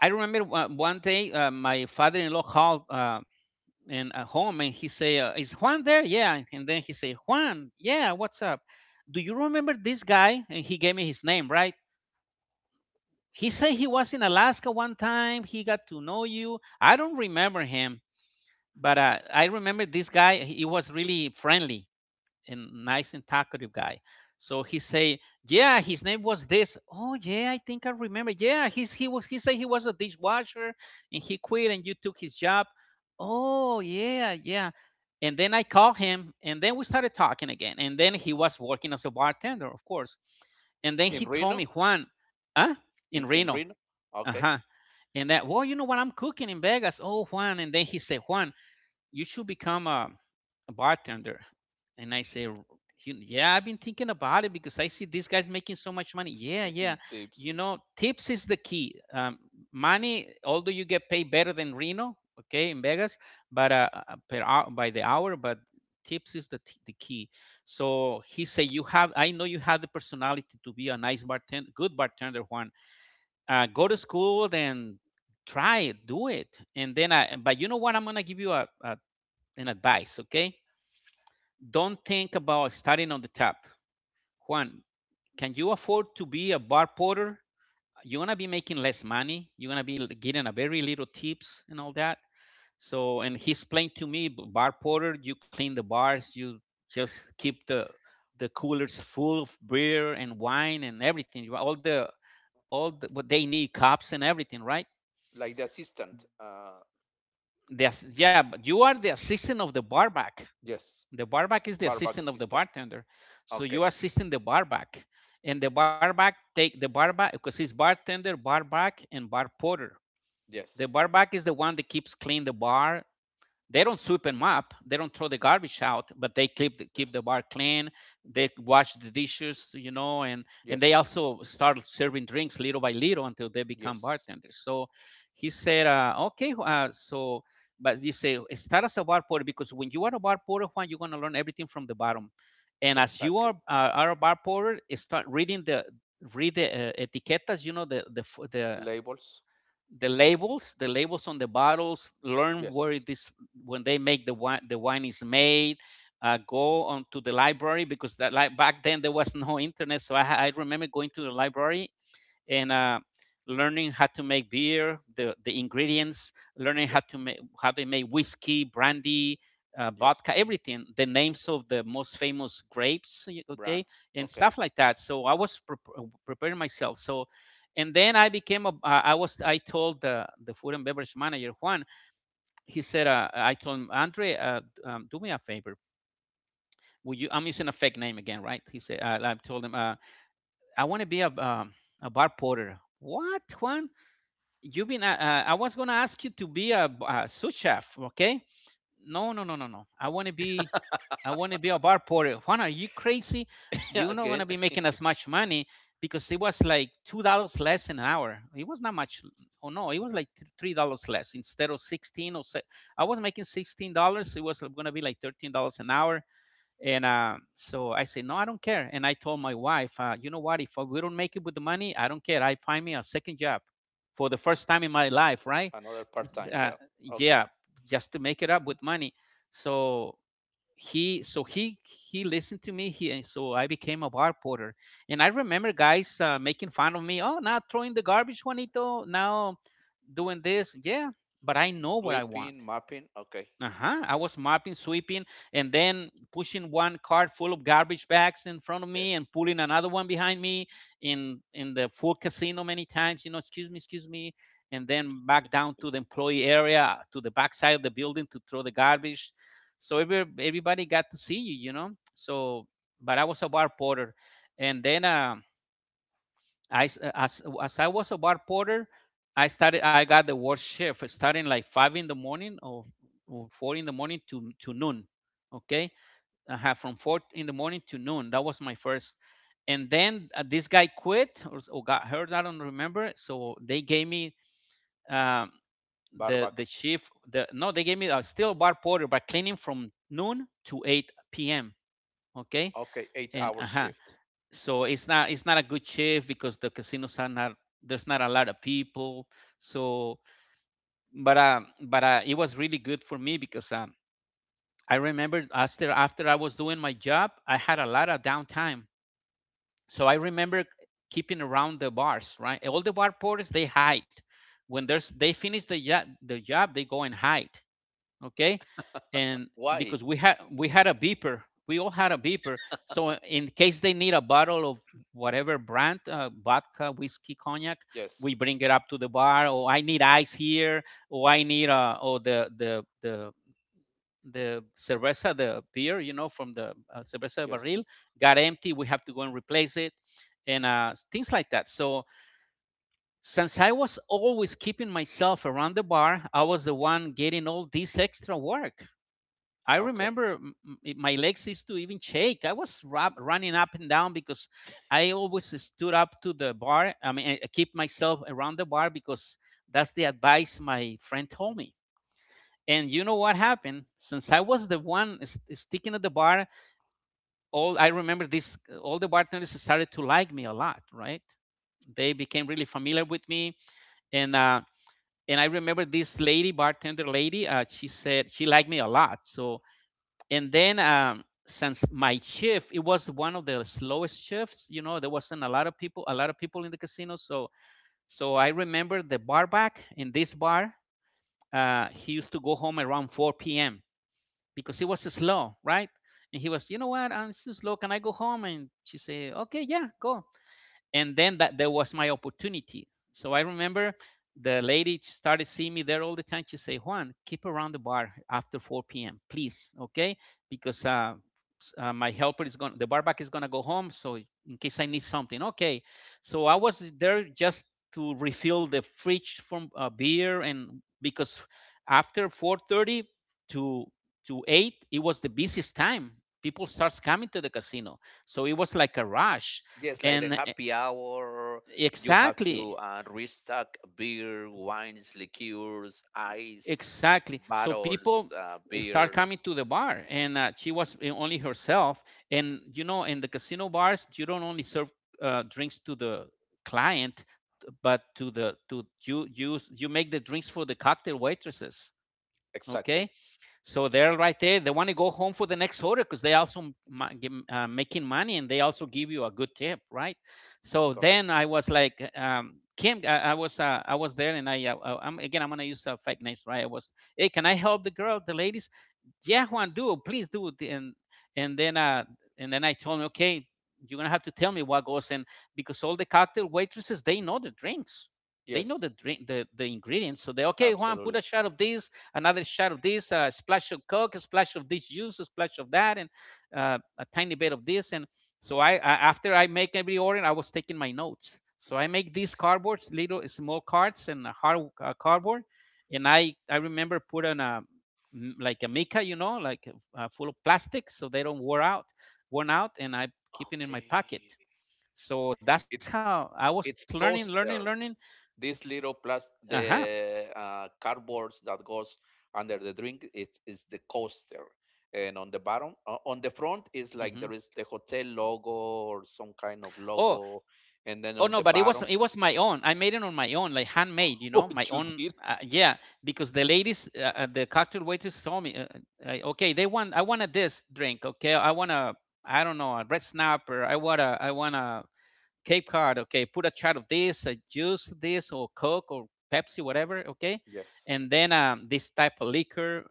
Speaker 1: I remember one day, my father-in-law called in home and he say, is Juan there? Yeah. And then he say, Juan? Yeah, what's up? Do you remember this guy? And he gave me his name, right? He said he was in Alaska one time, he got to know you. I don't remember him, but I remember this guy. He was really friendly and nice and talkative guy. So he say, "Yeah, his name was this." Oh yeah, I think I remember. Yeah, he's he was, he said he was a dishwasher and he quit and you took his job. Oh yeah, yeah. And then I called him and then we started talking again. And then he was working as a bartender, of course. And then he
Speaker 2: In
Speaker 1: told me,
Speaker 2: Reno,
Speaker 1: Juan, huh? In
Speaker 2: in
Speaker 1: Reno.
Speaker 2: Reno.
Speaker 1: Uh
Speaker 2: Okay,
Speaker 1: huh. And that, well, you know what? I'm cooking in Vegas. Oh, Juan. And then he said, Juan, you should become a bartender. And I say, yeah, I've been thinking about it because I see these guys making so much money. Yeah, yeah.
Speaker 2: in
Speaker 1: You
Speaker 2: tips,
Speaker 1: know, tips is the key. Money, although you get paid better than Reno, okay, in Vegas, but per hour, by the hour, but tips is the, the key. So he said, you have, I know you have the personality to be a nice bartender, good bartender, Juan. Go to school, then try it, do it. And then I, but you know what? I'm going to give you a and advice, okay? Don't think about starting on the top. Juan, can you afford to be a bar porter? You're gonna be making less money. You're gonna be getting a very little tips and all that. So, and he explained to me, bar porter, you clean the bars, you just keep the coolers full of beer and wine and everything. All the what they need, cups and everything, right?
Speaker 2: like the assistant.
Speaker 1: Yes, yeah, but you are the assistant of the barback.
Speaker 2: Yes,
Speaker 1: The barback is the
Speaker 2: barback
Speaker 1: assistant of the
Speaker 2: assistant.
Speaker 1: bartender. So you
Speaker 2: Okay,
Speaker 1: assisting the barback. And the barback take the barback because it's bartender, barback, and bar porter. The
Speaker 2: yes,
Speaker 1: barback is the one that keeps clean the bar, they don't sweep them up, they don't throw the garbage out, but they keep keep the
Speaker 2: yes,
Speaker 1: bar clean, they wash the dishes, you know, and they
Speaker 2: yes,
Speaker 1: also start serving drinks little by little until they become
Speaker 2: yes.
Speaker 1: bartenders. So he said okay, so but you say start as a bar porter, because when you are a bar porter, Juan, you're going to learn everything from the bottom, and as you are
Speaker 2: Exactly.
Speaker 1: a bar porter, start reading the read the etiquetas, you know, the
Speaker 2: Labels.
Speaker 1: the labels on the bottles, learn where
Speaker 2: Yes,
Speaker 1: it is when they make the wine is made. Go on to the library, because that like back then there was no internet, so I remember going to the library and learning how to make beer, the ingredients, learning how
Speaker 2: yes.
Speaker 1: to make, how they make whiskey, brandy, vodka,
Speaker 2: Yes.
Speaker 1: everything, the names of the most famous grapes, okay,
Speaker 2: Brands.
Speaker 1: and
Speaker 2: Okay.
Speaker 1: stuff like that. So I was preparing myself. So, and then I became a. I was. I told the food and beverage manager Juan. He said, I told him, Andre, do me a favor. Will you? I'm using a fake name again, right? He said. I told him, I want to be a bar porter. What, Juan? You've been. I was gonna ask you to be a, a sous chef. Okay. No, no, no, no, no. I want to be. I want to be a bar porter. Juan, are you crazy?
Speaker 2: Yeah.
Speaker 1: You're not
Speaker 2: Again,
Speaker 1: gonna be making as much money because it was like $2 less an hour. It was not much. Oh no, it was like $3 less, instead of sixteen or. Se- I was making $16. It was gonna be like $13 an hour. And so I said, no, I don't care. And I told my wife, you know what? If we don't make it with the money, I don't care. I find me a second job for the first time in my life, right?
Speaker 2: another part-time
Speaker 1: Uh,
Speaker 2: job. Okay.
Speaker 1: yeah, just to make it up with money. So so he listened to me. And so I became a bar porter. And I remember guys making fun of me. Oh, now throwing the garbage, Juanito. Now doing this. Yeah, but I know what I want.
Speaker 2: Sweeping, mapping. Okay.
Speaker 1: Uh-huh. I was mopping, sweeping, and then pushing one cart full of garbage bags in front of me
Speaker 2: Yes.
Speaker 1: and pulling another one behind me in the full casino many times, excuse me, and then back down to the employee area to the back side of the building to throw the garbage. So everybody got to see you, you know. So but I was a bar porter. And then I s- as I was a bar porter, I got the worst shift, starting like five in the morning, or four in the morning to noon. Okay, I had from four in the morning to noon. That was my first. And then this guy quit, or got hurt. I don't remember. So they gave me um, the
Speaker 2: Barback.
Speaker 1: shift. The No, they gave me still bar porter, but cleaning from noon to 8 p.m. Okay,
Speaker 2: Okay. Eight
Speaker 1: and
Speaker 2: hour
Speaker 1: uh-huh,
Speaker 2: shift.
Speaker 1: so it's not a good shift because the casinos are not, there's not a lot of people, so but it was really good for me because I remember, after I was doing my job, I had a lot of downtime. So I remember keeping around the bars, right? All the bar porters, they hide. When there's they finish the job they go and hide. Okay. And
Speaker 2: Why?
Speaker 1: because we had a beeper, we all had a beeper. So in case they need a bottle of whatever brand, vodka, whiskey, cognac, we
Speaker 2: Yes.
Speaker 1: bring it up to the bar. Or I need ice here, or I need or the cerveza, the beer, from the cerveza
Speaker 2: Yes.
Speaker 1: barril got empty, we have to go and replace it, and things like that. So since I was always keeping myself around the bar, I was the one getting all this extra work. I
Speaker 2: Okay.
Speaker 1: remember my legs used to even shake. I was running up and down because I always stood up to the bar. I mean, I keep myself around the bar because that's the advice my friend told me. And you know what happened? Since I was the one sticking at the bar, all I remember this, all the bartenders started to like me a lot, right? They became really familiar with me, and uh, and I remember this lady bartender lady. She said she liked me a lot, and then, since my shift, it was one of the slowest shifts, there wasn't a lot of people in the casino. So I remember the bar back in this bar, he used to go home around 4 p.m because it was slow, right? And he was, you know what, I'm so slow, can I go home? And she said, okay, yeah, go. And then that there was my opportunity. So I remember the lady started seeing me there all the time. She say, Juan, keep around the bar after 4 p.m, please. Okay, because my helper is going, the bar back is going to go home, so in case I need something. Okay. So I was there just to refill the fridge from beer. And because after 4:30 to to 8 it was the busiest time, people starts coming to the casino, so it was like a rush.
Speaker 2: Yes, like the
Speaker 1: And
Speaker 2: happy hour. You have to
Speaker 1: exactly,
Speaker 2: restock beer, wines, liqueurs, ice,
Speaker 1: exactly. So
Speaker 2: bottles,
Speaker 1: people, start
Speaker 2: beer.
Speaker 1: coming to the bar, and she was, only herself. And you know, in the casino bars, you don't only serve drinks to the client, but to the to you you you make the drinks for the cocktail waitresses. Okay.
Speaker 2: Exactly.
Speaker 1: So they're right there. They want to go home for the next order because they also, making money, and they also give you a good tip, right? So then
Speaker 2: Correct.
Speaker 1: I was like, Kim, I was, I was there, and I, I'm again, I'm gonna use fake names, right? I was, hey, can I help the girl, the lady? Yeah, Juan, do, please, do it. And and then uh and then I told him, okay, you're gonna have to tell me what goes in because all the cocktail waitresses, they know the drinks. They know
Speaker 2: Yes.
Speaker 1: the ingredients. So they, okay, Juan, put
Speaker 2: Absolutely.
Speaker 1: a shot of this, another shot of this, a splash of Coke, a splash of this juice, a splash of that, and a tiny bit of this. And so, I after I make every order, I was taking my notes. So I make these cardboards, little small cards, and a hard cardboard. And I remember put on a like a mica, you know, like full of plastic, so they don't wear out, worn out, and I keep it in my pocket.
Speaker 2: Okay.
Speaker 1: So that's
Speaker 2: It
Speaker 1: how I was learning,
Speaker 2: it's
Speaker 1: learning, learning.
Speaker 2: coaster. This little
Speaker 1: Uh
Speaker 2: plus
Speaker 1: huh.
Speaker 2: the cardboards that goes under the drink is the coaster, and on the bottom, on the front is,
Speaker 1: Hmm.
Speaker 2: like, there is the hotel logo or some kind of
Speaker 1: Oh,
Speaker 2: logo, and then
Speaker 1: oh
Speaker 2: on
Speaker 1: no,
Speaker 2: the
Speaker 1: but it was
Speaker 2: bottom.
Speaker 1: it was my own. I made it on my own, like handmade,
Speaker 2: Oh,
Speaker 1: my
Speaker 2: you
Speaker 1: own.
Speaker 2: did.
Speaker 1: Yeah, because the ladies, the cocktail waitress told me, okay, they want I want a this drink. Okay, I want a, I don't know, a red snapper. I want a, Cape Cod, okay, put a shot of this, a juice this, or Coke or Pepsi, whatever, okay,
Speaker 2: Yes.
Speaker 1: and then this type of liquor.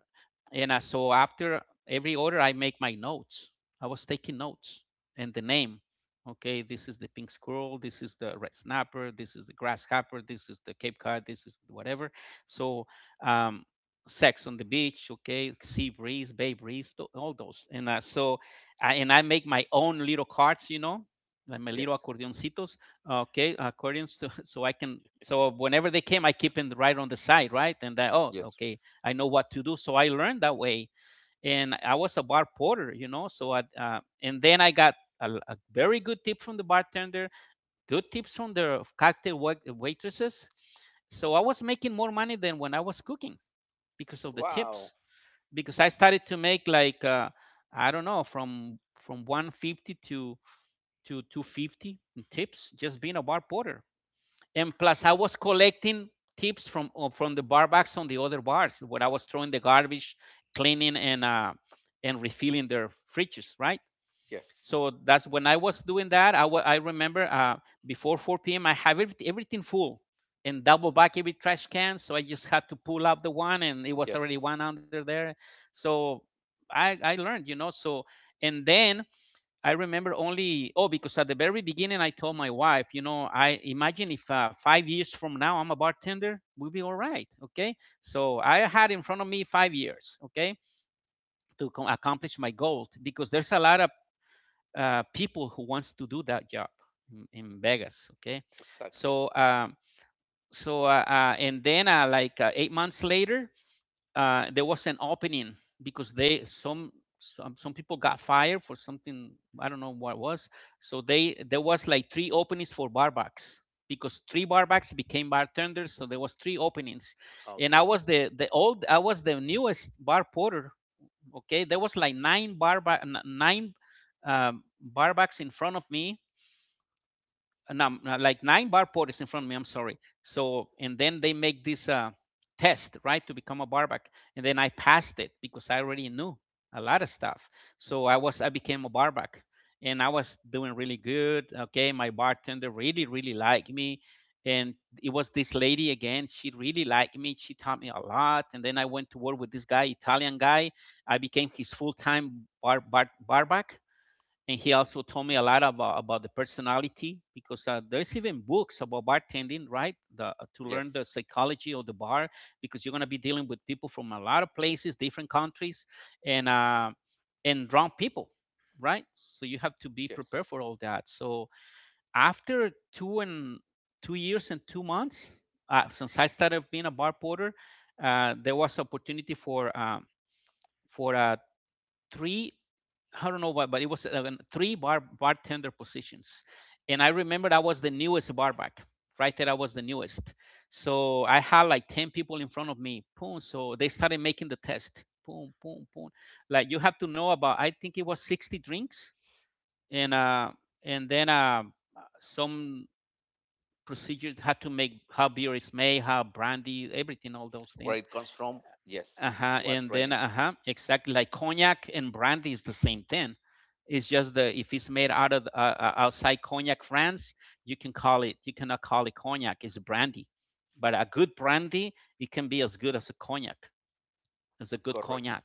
Speaker 1: And so, after every order, I make my notes. I was taking notes and the name. Okay, this is the pink squirrel. This is the red snapper. This is the grasshopper. This is the Cape Cod. This is whatever. So, um, sex on the beach. Okay, sea breeze, bay breeze, all those. And so, and I make my own little cards, like my little
Speaker 2: Yes.
Speaker 1: accordioncitos, okay, accordions. So, I can. So whenever they came, I keep them right on the side, right? And I, oh,
Speaker 2: Yes.
Speaker 1: okay, I know what to do. So I learned that way, and I was a bar porter. So, and then I got a very good tip from the bartender, good tips from the cocktail waitresses, so I was making more money than when I was cooking because of the
Speaker 2: Wow.
Speaker 1: tips, because I started to make like I don't know, from 150 to 250 in tips just being a bar porter. And plus I was collecting tips from the bar backs on the other bars when I was throwing the garbage, cleaning, and refilling their fridges, right?
Speaker 2: Yes.
Speaker 1: So that's when I was doing that. I remember, before 4 p.m I have everything full, and double back every trash can, so I just had to pull up the one and it was already
Speaker 2: Yes.
Speaker 1: one under there. So I learned, so. And then I remember, only oh, because at the very beginning I told my wife, I imagine if 5 years from now I'm a bartender, we'll be all right, okay? So I had in front of me 5 years, okay, to accomplish my goal, because there's a lot of people who wants to do that job in, Vegas, okay?
Speaker 2: Exactly.
Speaker 1: So um, so, and then, like 8 months later, there was an opening because they some people got fired for something. I don't know what it was. So they there was like three openings for barbacks, because three barbacks became bartenders, so there was three openings, and I
Speaker 2: Okay.
Speaker 1: was the the old I was the newest bar porter. Okay, there was like nine, um, barbacks in front of me, like nine barporters in front of me. I'm sorry. So, and then they make this test, right, to become a barback, and then I passed it because I already knew a lot of stuff. So I became a barback, and I was doing really good. Okay, my bartender really really liked me. And it was this lady again. She really liked me. She taught me a lot. And then I went to work with this guy, Italian guy. I became his full-time barback, and he also told me a lot about the personality, because there's even books about bartending, right? To learn the
Speaker 2: Yes.
Speaker 1: psychology of the bar, because you're going to be dealing with people from a lot of places, different countries, and uh, and drunk people, right? So you have to be prepared
Speaker 2: Yes,
Speaker 1: for all that. So after 2 and 2 years and 2 months, since I started being a bar porter, there was opportunity for for uh, three. I don't know why, but it was three bar bartender positions, and I remember I was the newest barback. Right there, I was the newest. So I had like ten people in front of me. Boom. So they started making the test. Boom, boom, boom. Like you have to know about. I think it was 60 drinks, and uh, and then some procedures had to make how beer is made, how brandy, everything, all those
Speaker 2: where
Speaker 1: things.
Speaker 2: it comes from. Yes.
Speaker 1: Uh-huh.
Speaker 2: What
Speaker 1: And then,
Speaker 2: range.
Speaker 1: uh-huh, exactly, like cognac and brandy is the same thing. It's just the if it's made out of outside Cognac, France, you cannot call it cognac, it's brandy. But a good brandy, it can be as good as a good
Speaker 2: Correct.
Speaker 1: cognac.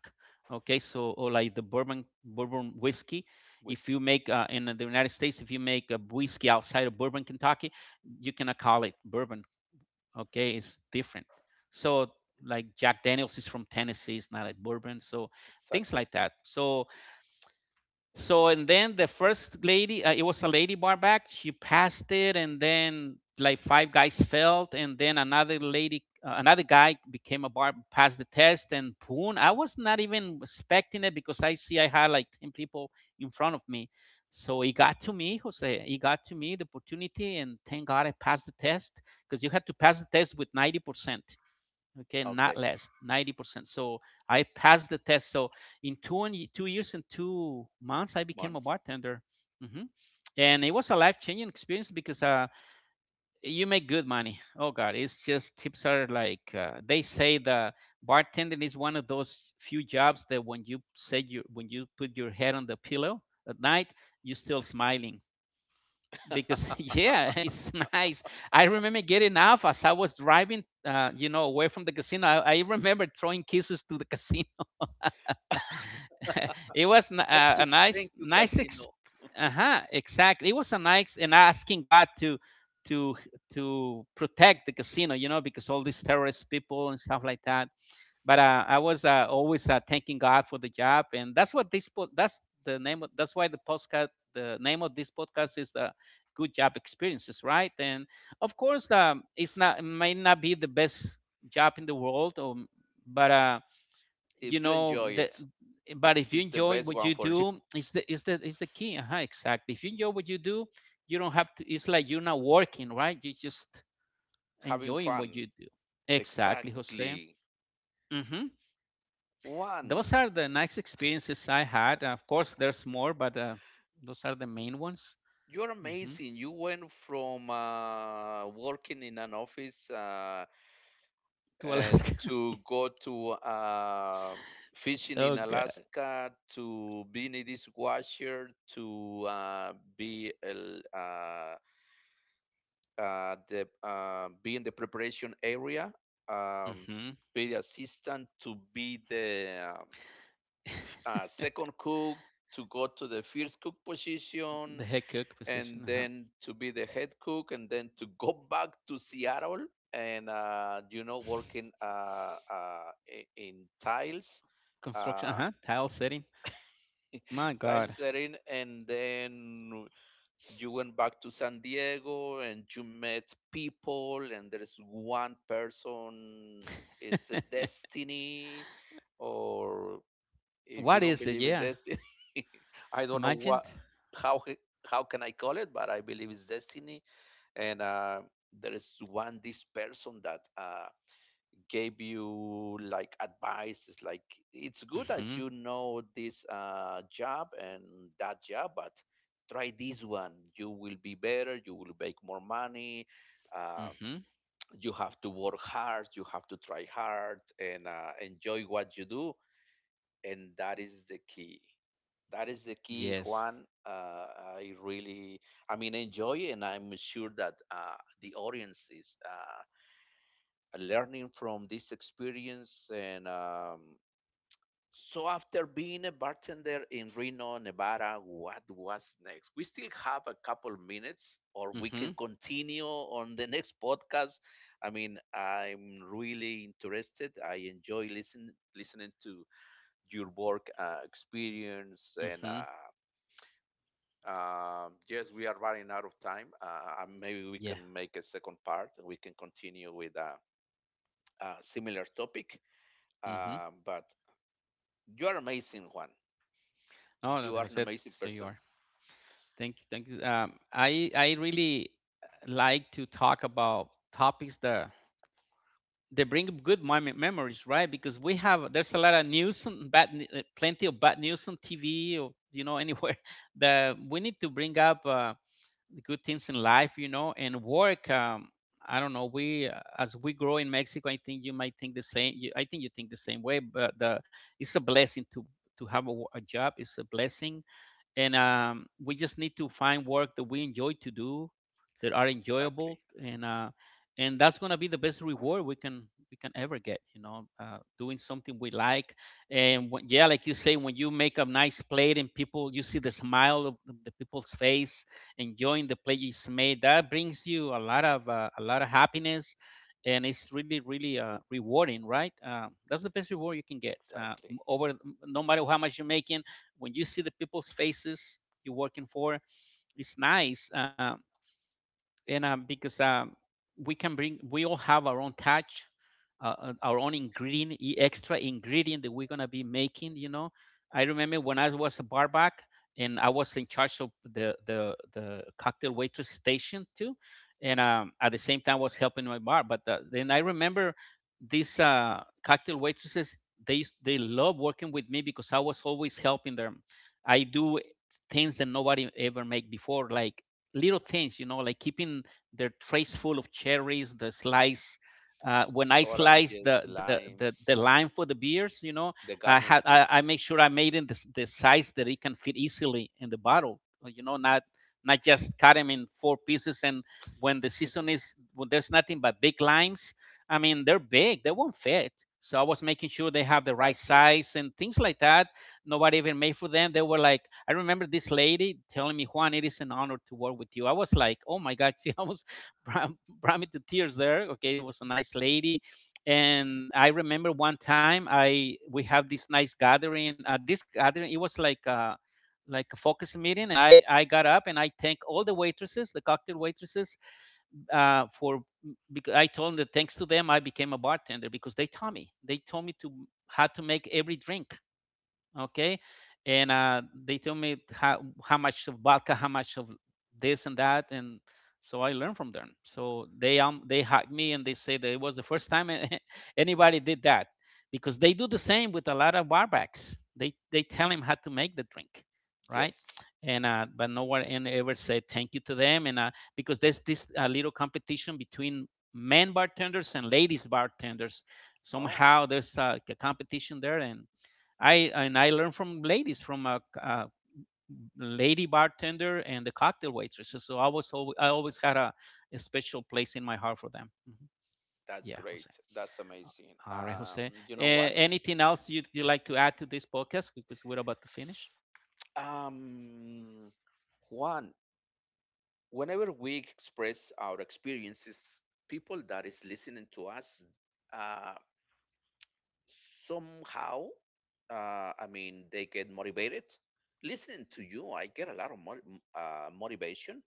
Speaker 1: Okay. So, or like the bourbon whiskey, if you
Speaker 2: Whiskey.
Speaker 1: make in the United States, if you make a whiskey outside of bourbon Kentucky, you cannot call it bourbon. Okay, it's different. So like Jack Daniels is from Tennessee, it's not a bourbon. So things
Speaker 2: Exactly.
Speaker 1: like that. So, so and then the first lady, it was a lady barback. She passed it, and then like five guys failed, and then another guy became passed the test, and boom! I was not even expecting it because I see I had like ten people in front of me. So it got to me, Jose. It got to me the opportunity, and thank God I passed the test, because you had to pass the test with 90%, okay, not
Speaker 2: Okay.
Speaker 1: less, 90%. So I passed the test. So in 20, 2 years and 2 months, I became a
Speaker 2: Months.
Speaker 1: bartender. Hmm. And it was a life changing experience, because you make good money, oh God. It's just, tips are like, they say the bartending is one of those few jobs that when you said you when you put your head on the pillow at night, you're still smiling because yeah, it's nice. I remember getting off. As I was driving away from the casino, I remember throwing kisses to the casino. It was
Speaker 2: Thank you.
Speaker 1: a nice
Speaker 2: Thank you,
Speaker 1: nice
Speaker 2: Casino.
Speaker 1: uh-huh, exactly, it was a nice. And asking God to to protect the casino, you know, because all these terrorist people and stuff like that. But I was always thanking God for the job, and that's what this po- that's the name. Of, that's why the podcast, the name of this podcast is the Good Job Experiences, right? And of course, it may not be the best job in the world, or, but you
Speaker 2: If you
Speaker 1: know
Speaker 2: enjoy
Speaker 1: the.
Speaker 2: it,
Speaker 1: But if you
Speaker 2: it's the
Speaker 1: enjoy
Speaker 2: best
Speaker 1: what
Speaker 2: one
Speaker 1: you
Speaker 2: for you.
Speaker 1: do, is the key. Uh-huh, exactly. If you enjoy what you do, you don't have to. It's like you're not working, right? You're just
Speaker 2: Having
Speaker 1: enjoying what
Speaker 2: fun.
Speaker 1: you do. Exactly, Jose.
Speaker 2: Exactly.
Speaker 1: Mm-hmm. Those
Speaker 2: One,
Speaker 1: are the nice experiences I had. Of course, there's more, but those are the main ones.
Speaker 2: you're
Speaker 1: Hmm.
Speaker 2: amazing. You went from working in an office,
Speaker 1: To
Speaker 2: uh,
Speaker 1: Alaska.
Speaker 2: to go to fishing
Speaker 1: Oh
Speaker 2: in
Speaker 1: God.
Speaker 2: Alaska, to being a dishwasher, to be a, l- the be in the preparation area, um,
Speaker 1: Hmm.
Speaker 2: be the assistant, to be the second cook, to go to the first cook position,
Speaker 1: The head cook
Speaker 2: and
Speaker 1: position. Uh-huh.
Speaker 2: then to be the head cook, and then to go back to Seattle, and you know, working in tiles.
Speaker 1: Construction.
Speaker 2: Uh,
Speaker 1: Uh-huh. Tile setting. My
Speaker 2: Tile
Speaker 1: God.
Speaker 2: setting, and then you went back to San Diego and you met people, and there is one person. It's a destiny. Or if you
Speaker 1: What
Speaker 2: don't
Speaker 1: is it?
Speaker 2: believe in
Speaker 1: Yeah.
Speaker 2: destiny, I don't know
Speaker 1: Imagine.
Speaker 2: what, how c- how can I call it, but I believe it's destiny. And there is one this person that gave you like advice. It's like it's good that
Speaker 1: Mm-hmm.
Speaker 2: you know this job and that job, but try this one, you will be better, you will make more money. uh,
Speaker 1: Mm-hmm.
Speaker 2: you have to work hard, you have to try hard, and enjoy what you do. And that is the key. That is the key,
Speaker 1: Yes.
Speaker 2: Juan. I really I mean, enjoy. And I'm sure that the audience is learning from this experience. And so, after being a bartender in Reno, Nevada, what was next? We still have a couple minutes, or we
Speaker 1: Mm-hmm.
Speaker 2: can continue on the next podcast. I mean, I'm really interested. I enjoy listening to your work experience, and.
Speaker 1: Mm-hmm.
Speaker 2: Yes, we are running out of time. Maybe we
Speaker 1: Yeah.
Speaker 2: can make a second part and we can continue with a similar topic.
Speaker 1: Mm-hmm.
Speaker 2: But you are amazing, Juan.
Speaker 1: Oh, no,
Speaker 2: You are an
Speaker 1: Jose,
Speaker 2: amazing
Speaker 1: so you
Speaker 2: person.
Speaker 1: are. Thank you. Thank you. I really like to talk about topics that they bring good memories, right? Because we have there's a lot of news and bad, plenty of bad news on TV or anywhere that we need to bring up good things in life, and work. I don't know. We as we grow in Mexico, I think you might think the same. I think you think the same way, but it's a blessing to have a job. It's a blessing, and we just need to find work that we enjoy to do, that are enjoyable,
Speaker 2: Exactly.
Speaker 1: and that's going to be the best reward we can ever get, doing something we like. And when, yeah, like you say, when you make a nice plate, and people, you see the smile of the people's face enjoying the plate you just made, that brings you a lot of happiness. And it's really really rewarding, right? That's the best reward you can get,
Speaker 2: Exactly.
Speaker 1: over. No matter how much you make, when you see the people's faces you're working for, it's nice. And because we all have our own touch, our own extra ingredient that we're gonna be making. I remember when I was a barback, and I was in charge of the cocktail waitress station too, and at the same time I was helping my bar. But then I remember these cocktail waitresses, they they love working with me because I was always helping them. I do things that nobody ever made before, like little things, like keeping their trays full of cherries, the slice. When I slice the,
Speaker 2: Oranges,
Speaker 1: the the the
Speaker 2: limes,
Speaker 1: lime for the beers.
Speaker 2: the
Speaker 1: I had I,
Speaker 2: garnishes.
Speaker 1: I make sure I made in the size that it can fit easily in the bottle. Not not just cut them in four pieces. And when the season is when there's nothing but big limes, I mean they're big, they won't fit. So I was making sure they have the right
Speaker 2: Exactly.
Speaker 1: size and things like that nobody even made for them. They were like, I remember this lady telling me, Juan, it is an honor to work with you. I was like, oh my God, she almost brought, brought me to tears there. Okay, it was a nice lady. And I remember one time I we have this nice gathering. This gathering, it was like a focus meeting, and I got up and I thank all the waitresses, the cocktail waitresses, for because I told them that thanks to them I became a bartender, because they told me to how to make every drink. Okay. And they tell me how much of vodka, how much of this and that. And so I learned from them, so they hacked me and they say that it was the first time anybody did that, because they do the same with a lot of barbacks, they tell him how to make the drink, right.
Speaker 2: Yes.
Speaker 1: And but no one and ever said thank you to them. And because there's this little competition between men bartenders and ladies bartenders.
Speaker 2: Oh,
Speaker 1: Somehow there's like a competition there. And I learned from ladies, from a lady bartender and the cocktail waitresses. So I always had a special place in my heart for them. Mhm.
Speaker 2: that's
Speaker 1: Yeah,
Speaker 2: great.
Speaker 1: Jose.
Speaker 2: That's amazing.
Speaker 1: All right, Jose.
Speaker 2: You know what?
Speaker 1: Anything else you like to add to this podcast? Because we're about to finish.
Speaker 2: Um, Juan, whenever we express our experiences, people that is listening to us, uh, somehow, I mean they get motivated. Listening to you I get a lot of motivation.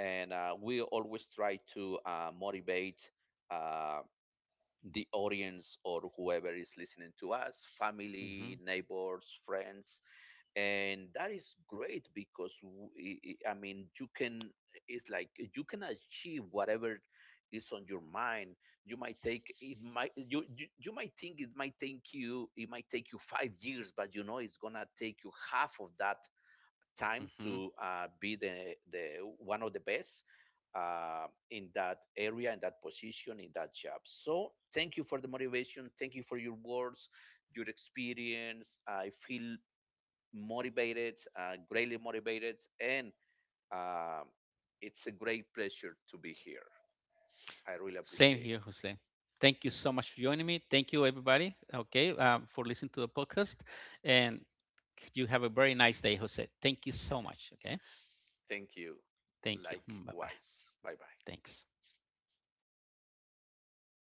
Speaker 2: And We always try to motivate, uh, the audience or whoever is listening to us,
Speaker 1: Hmm.
Speaker 2: family, neighbors, friends. And that is great, because I mean, you can it's like you can achieve whatever is on your mind. You might take It might you might think it might take you it might take you 5 years, but you know it's gonna take you half of that time
Speaker 1: Hmm.
Speaker 2: to be the one of the best in that area, in that position, in that job. So thank you for the motivation, thank you for your words, your experience. I feel motivated, greatly motivated, and um, it's a great pleasure to be here. I really
Speaker 1: Same
Speaker 2: appreciate
Speaker 1: here,
Speaker 2: it.
Speaker 1: Jose. Thank you so much for joining me. Thank you, everybody. Okay, for listening to the podcast, and you have a very nice day, Jose. Thank you so much. Okay,
Speaker 2: Thank you.
Speaker 1: thank you. Bye bye.
Speaker 2: Likewise. Bye bye.
Speaker 1: Thanks. Okay, ya lo paré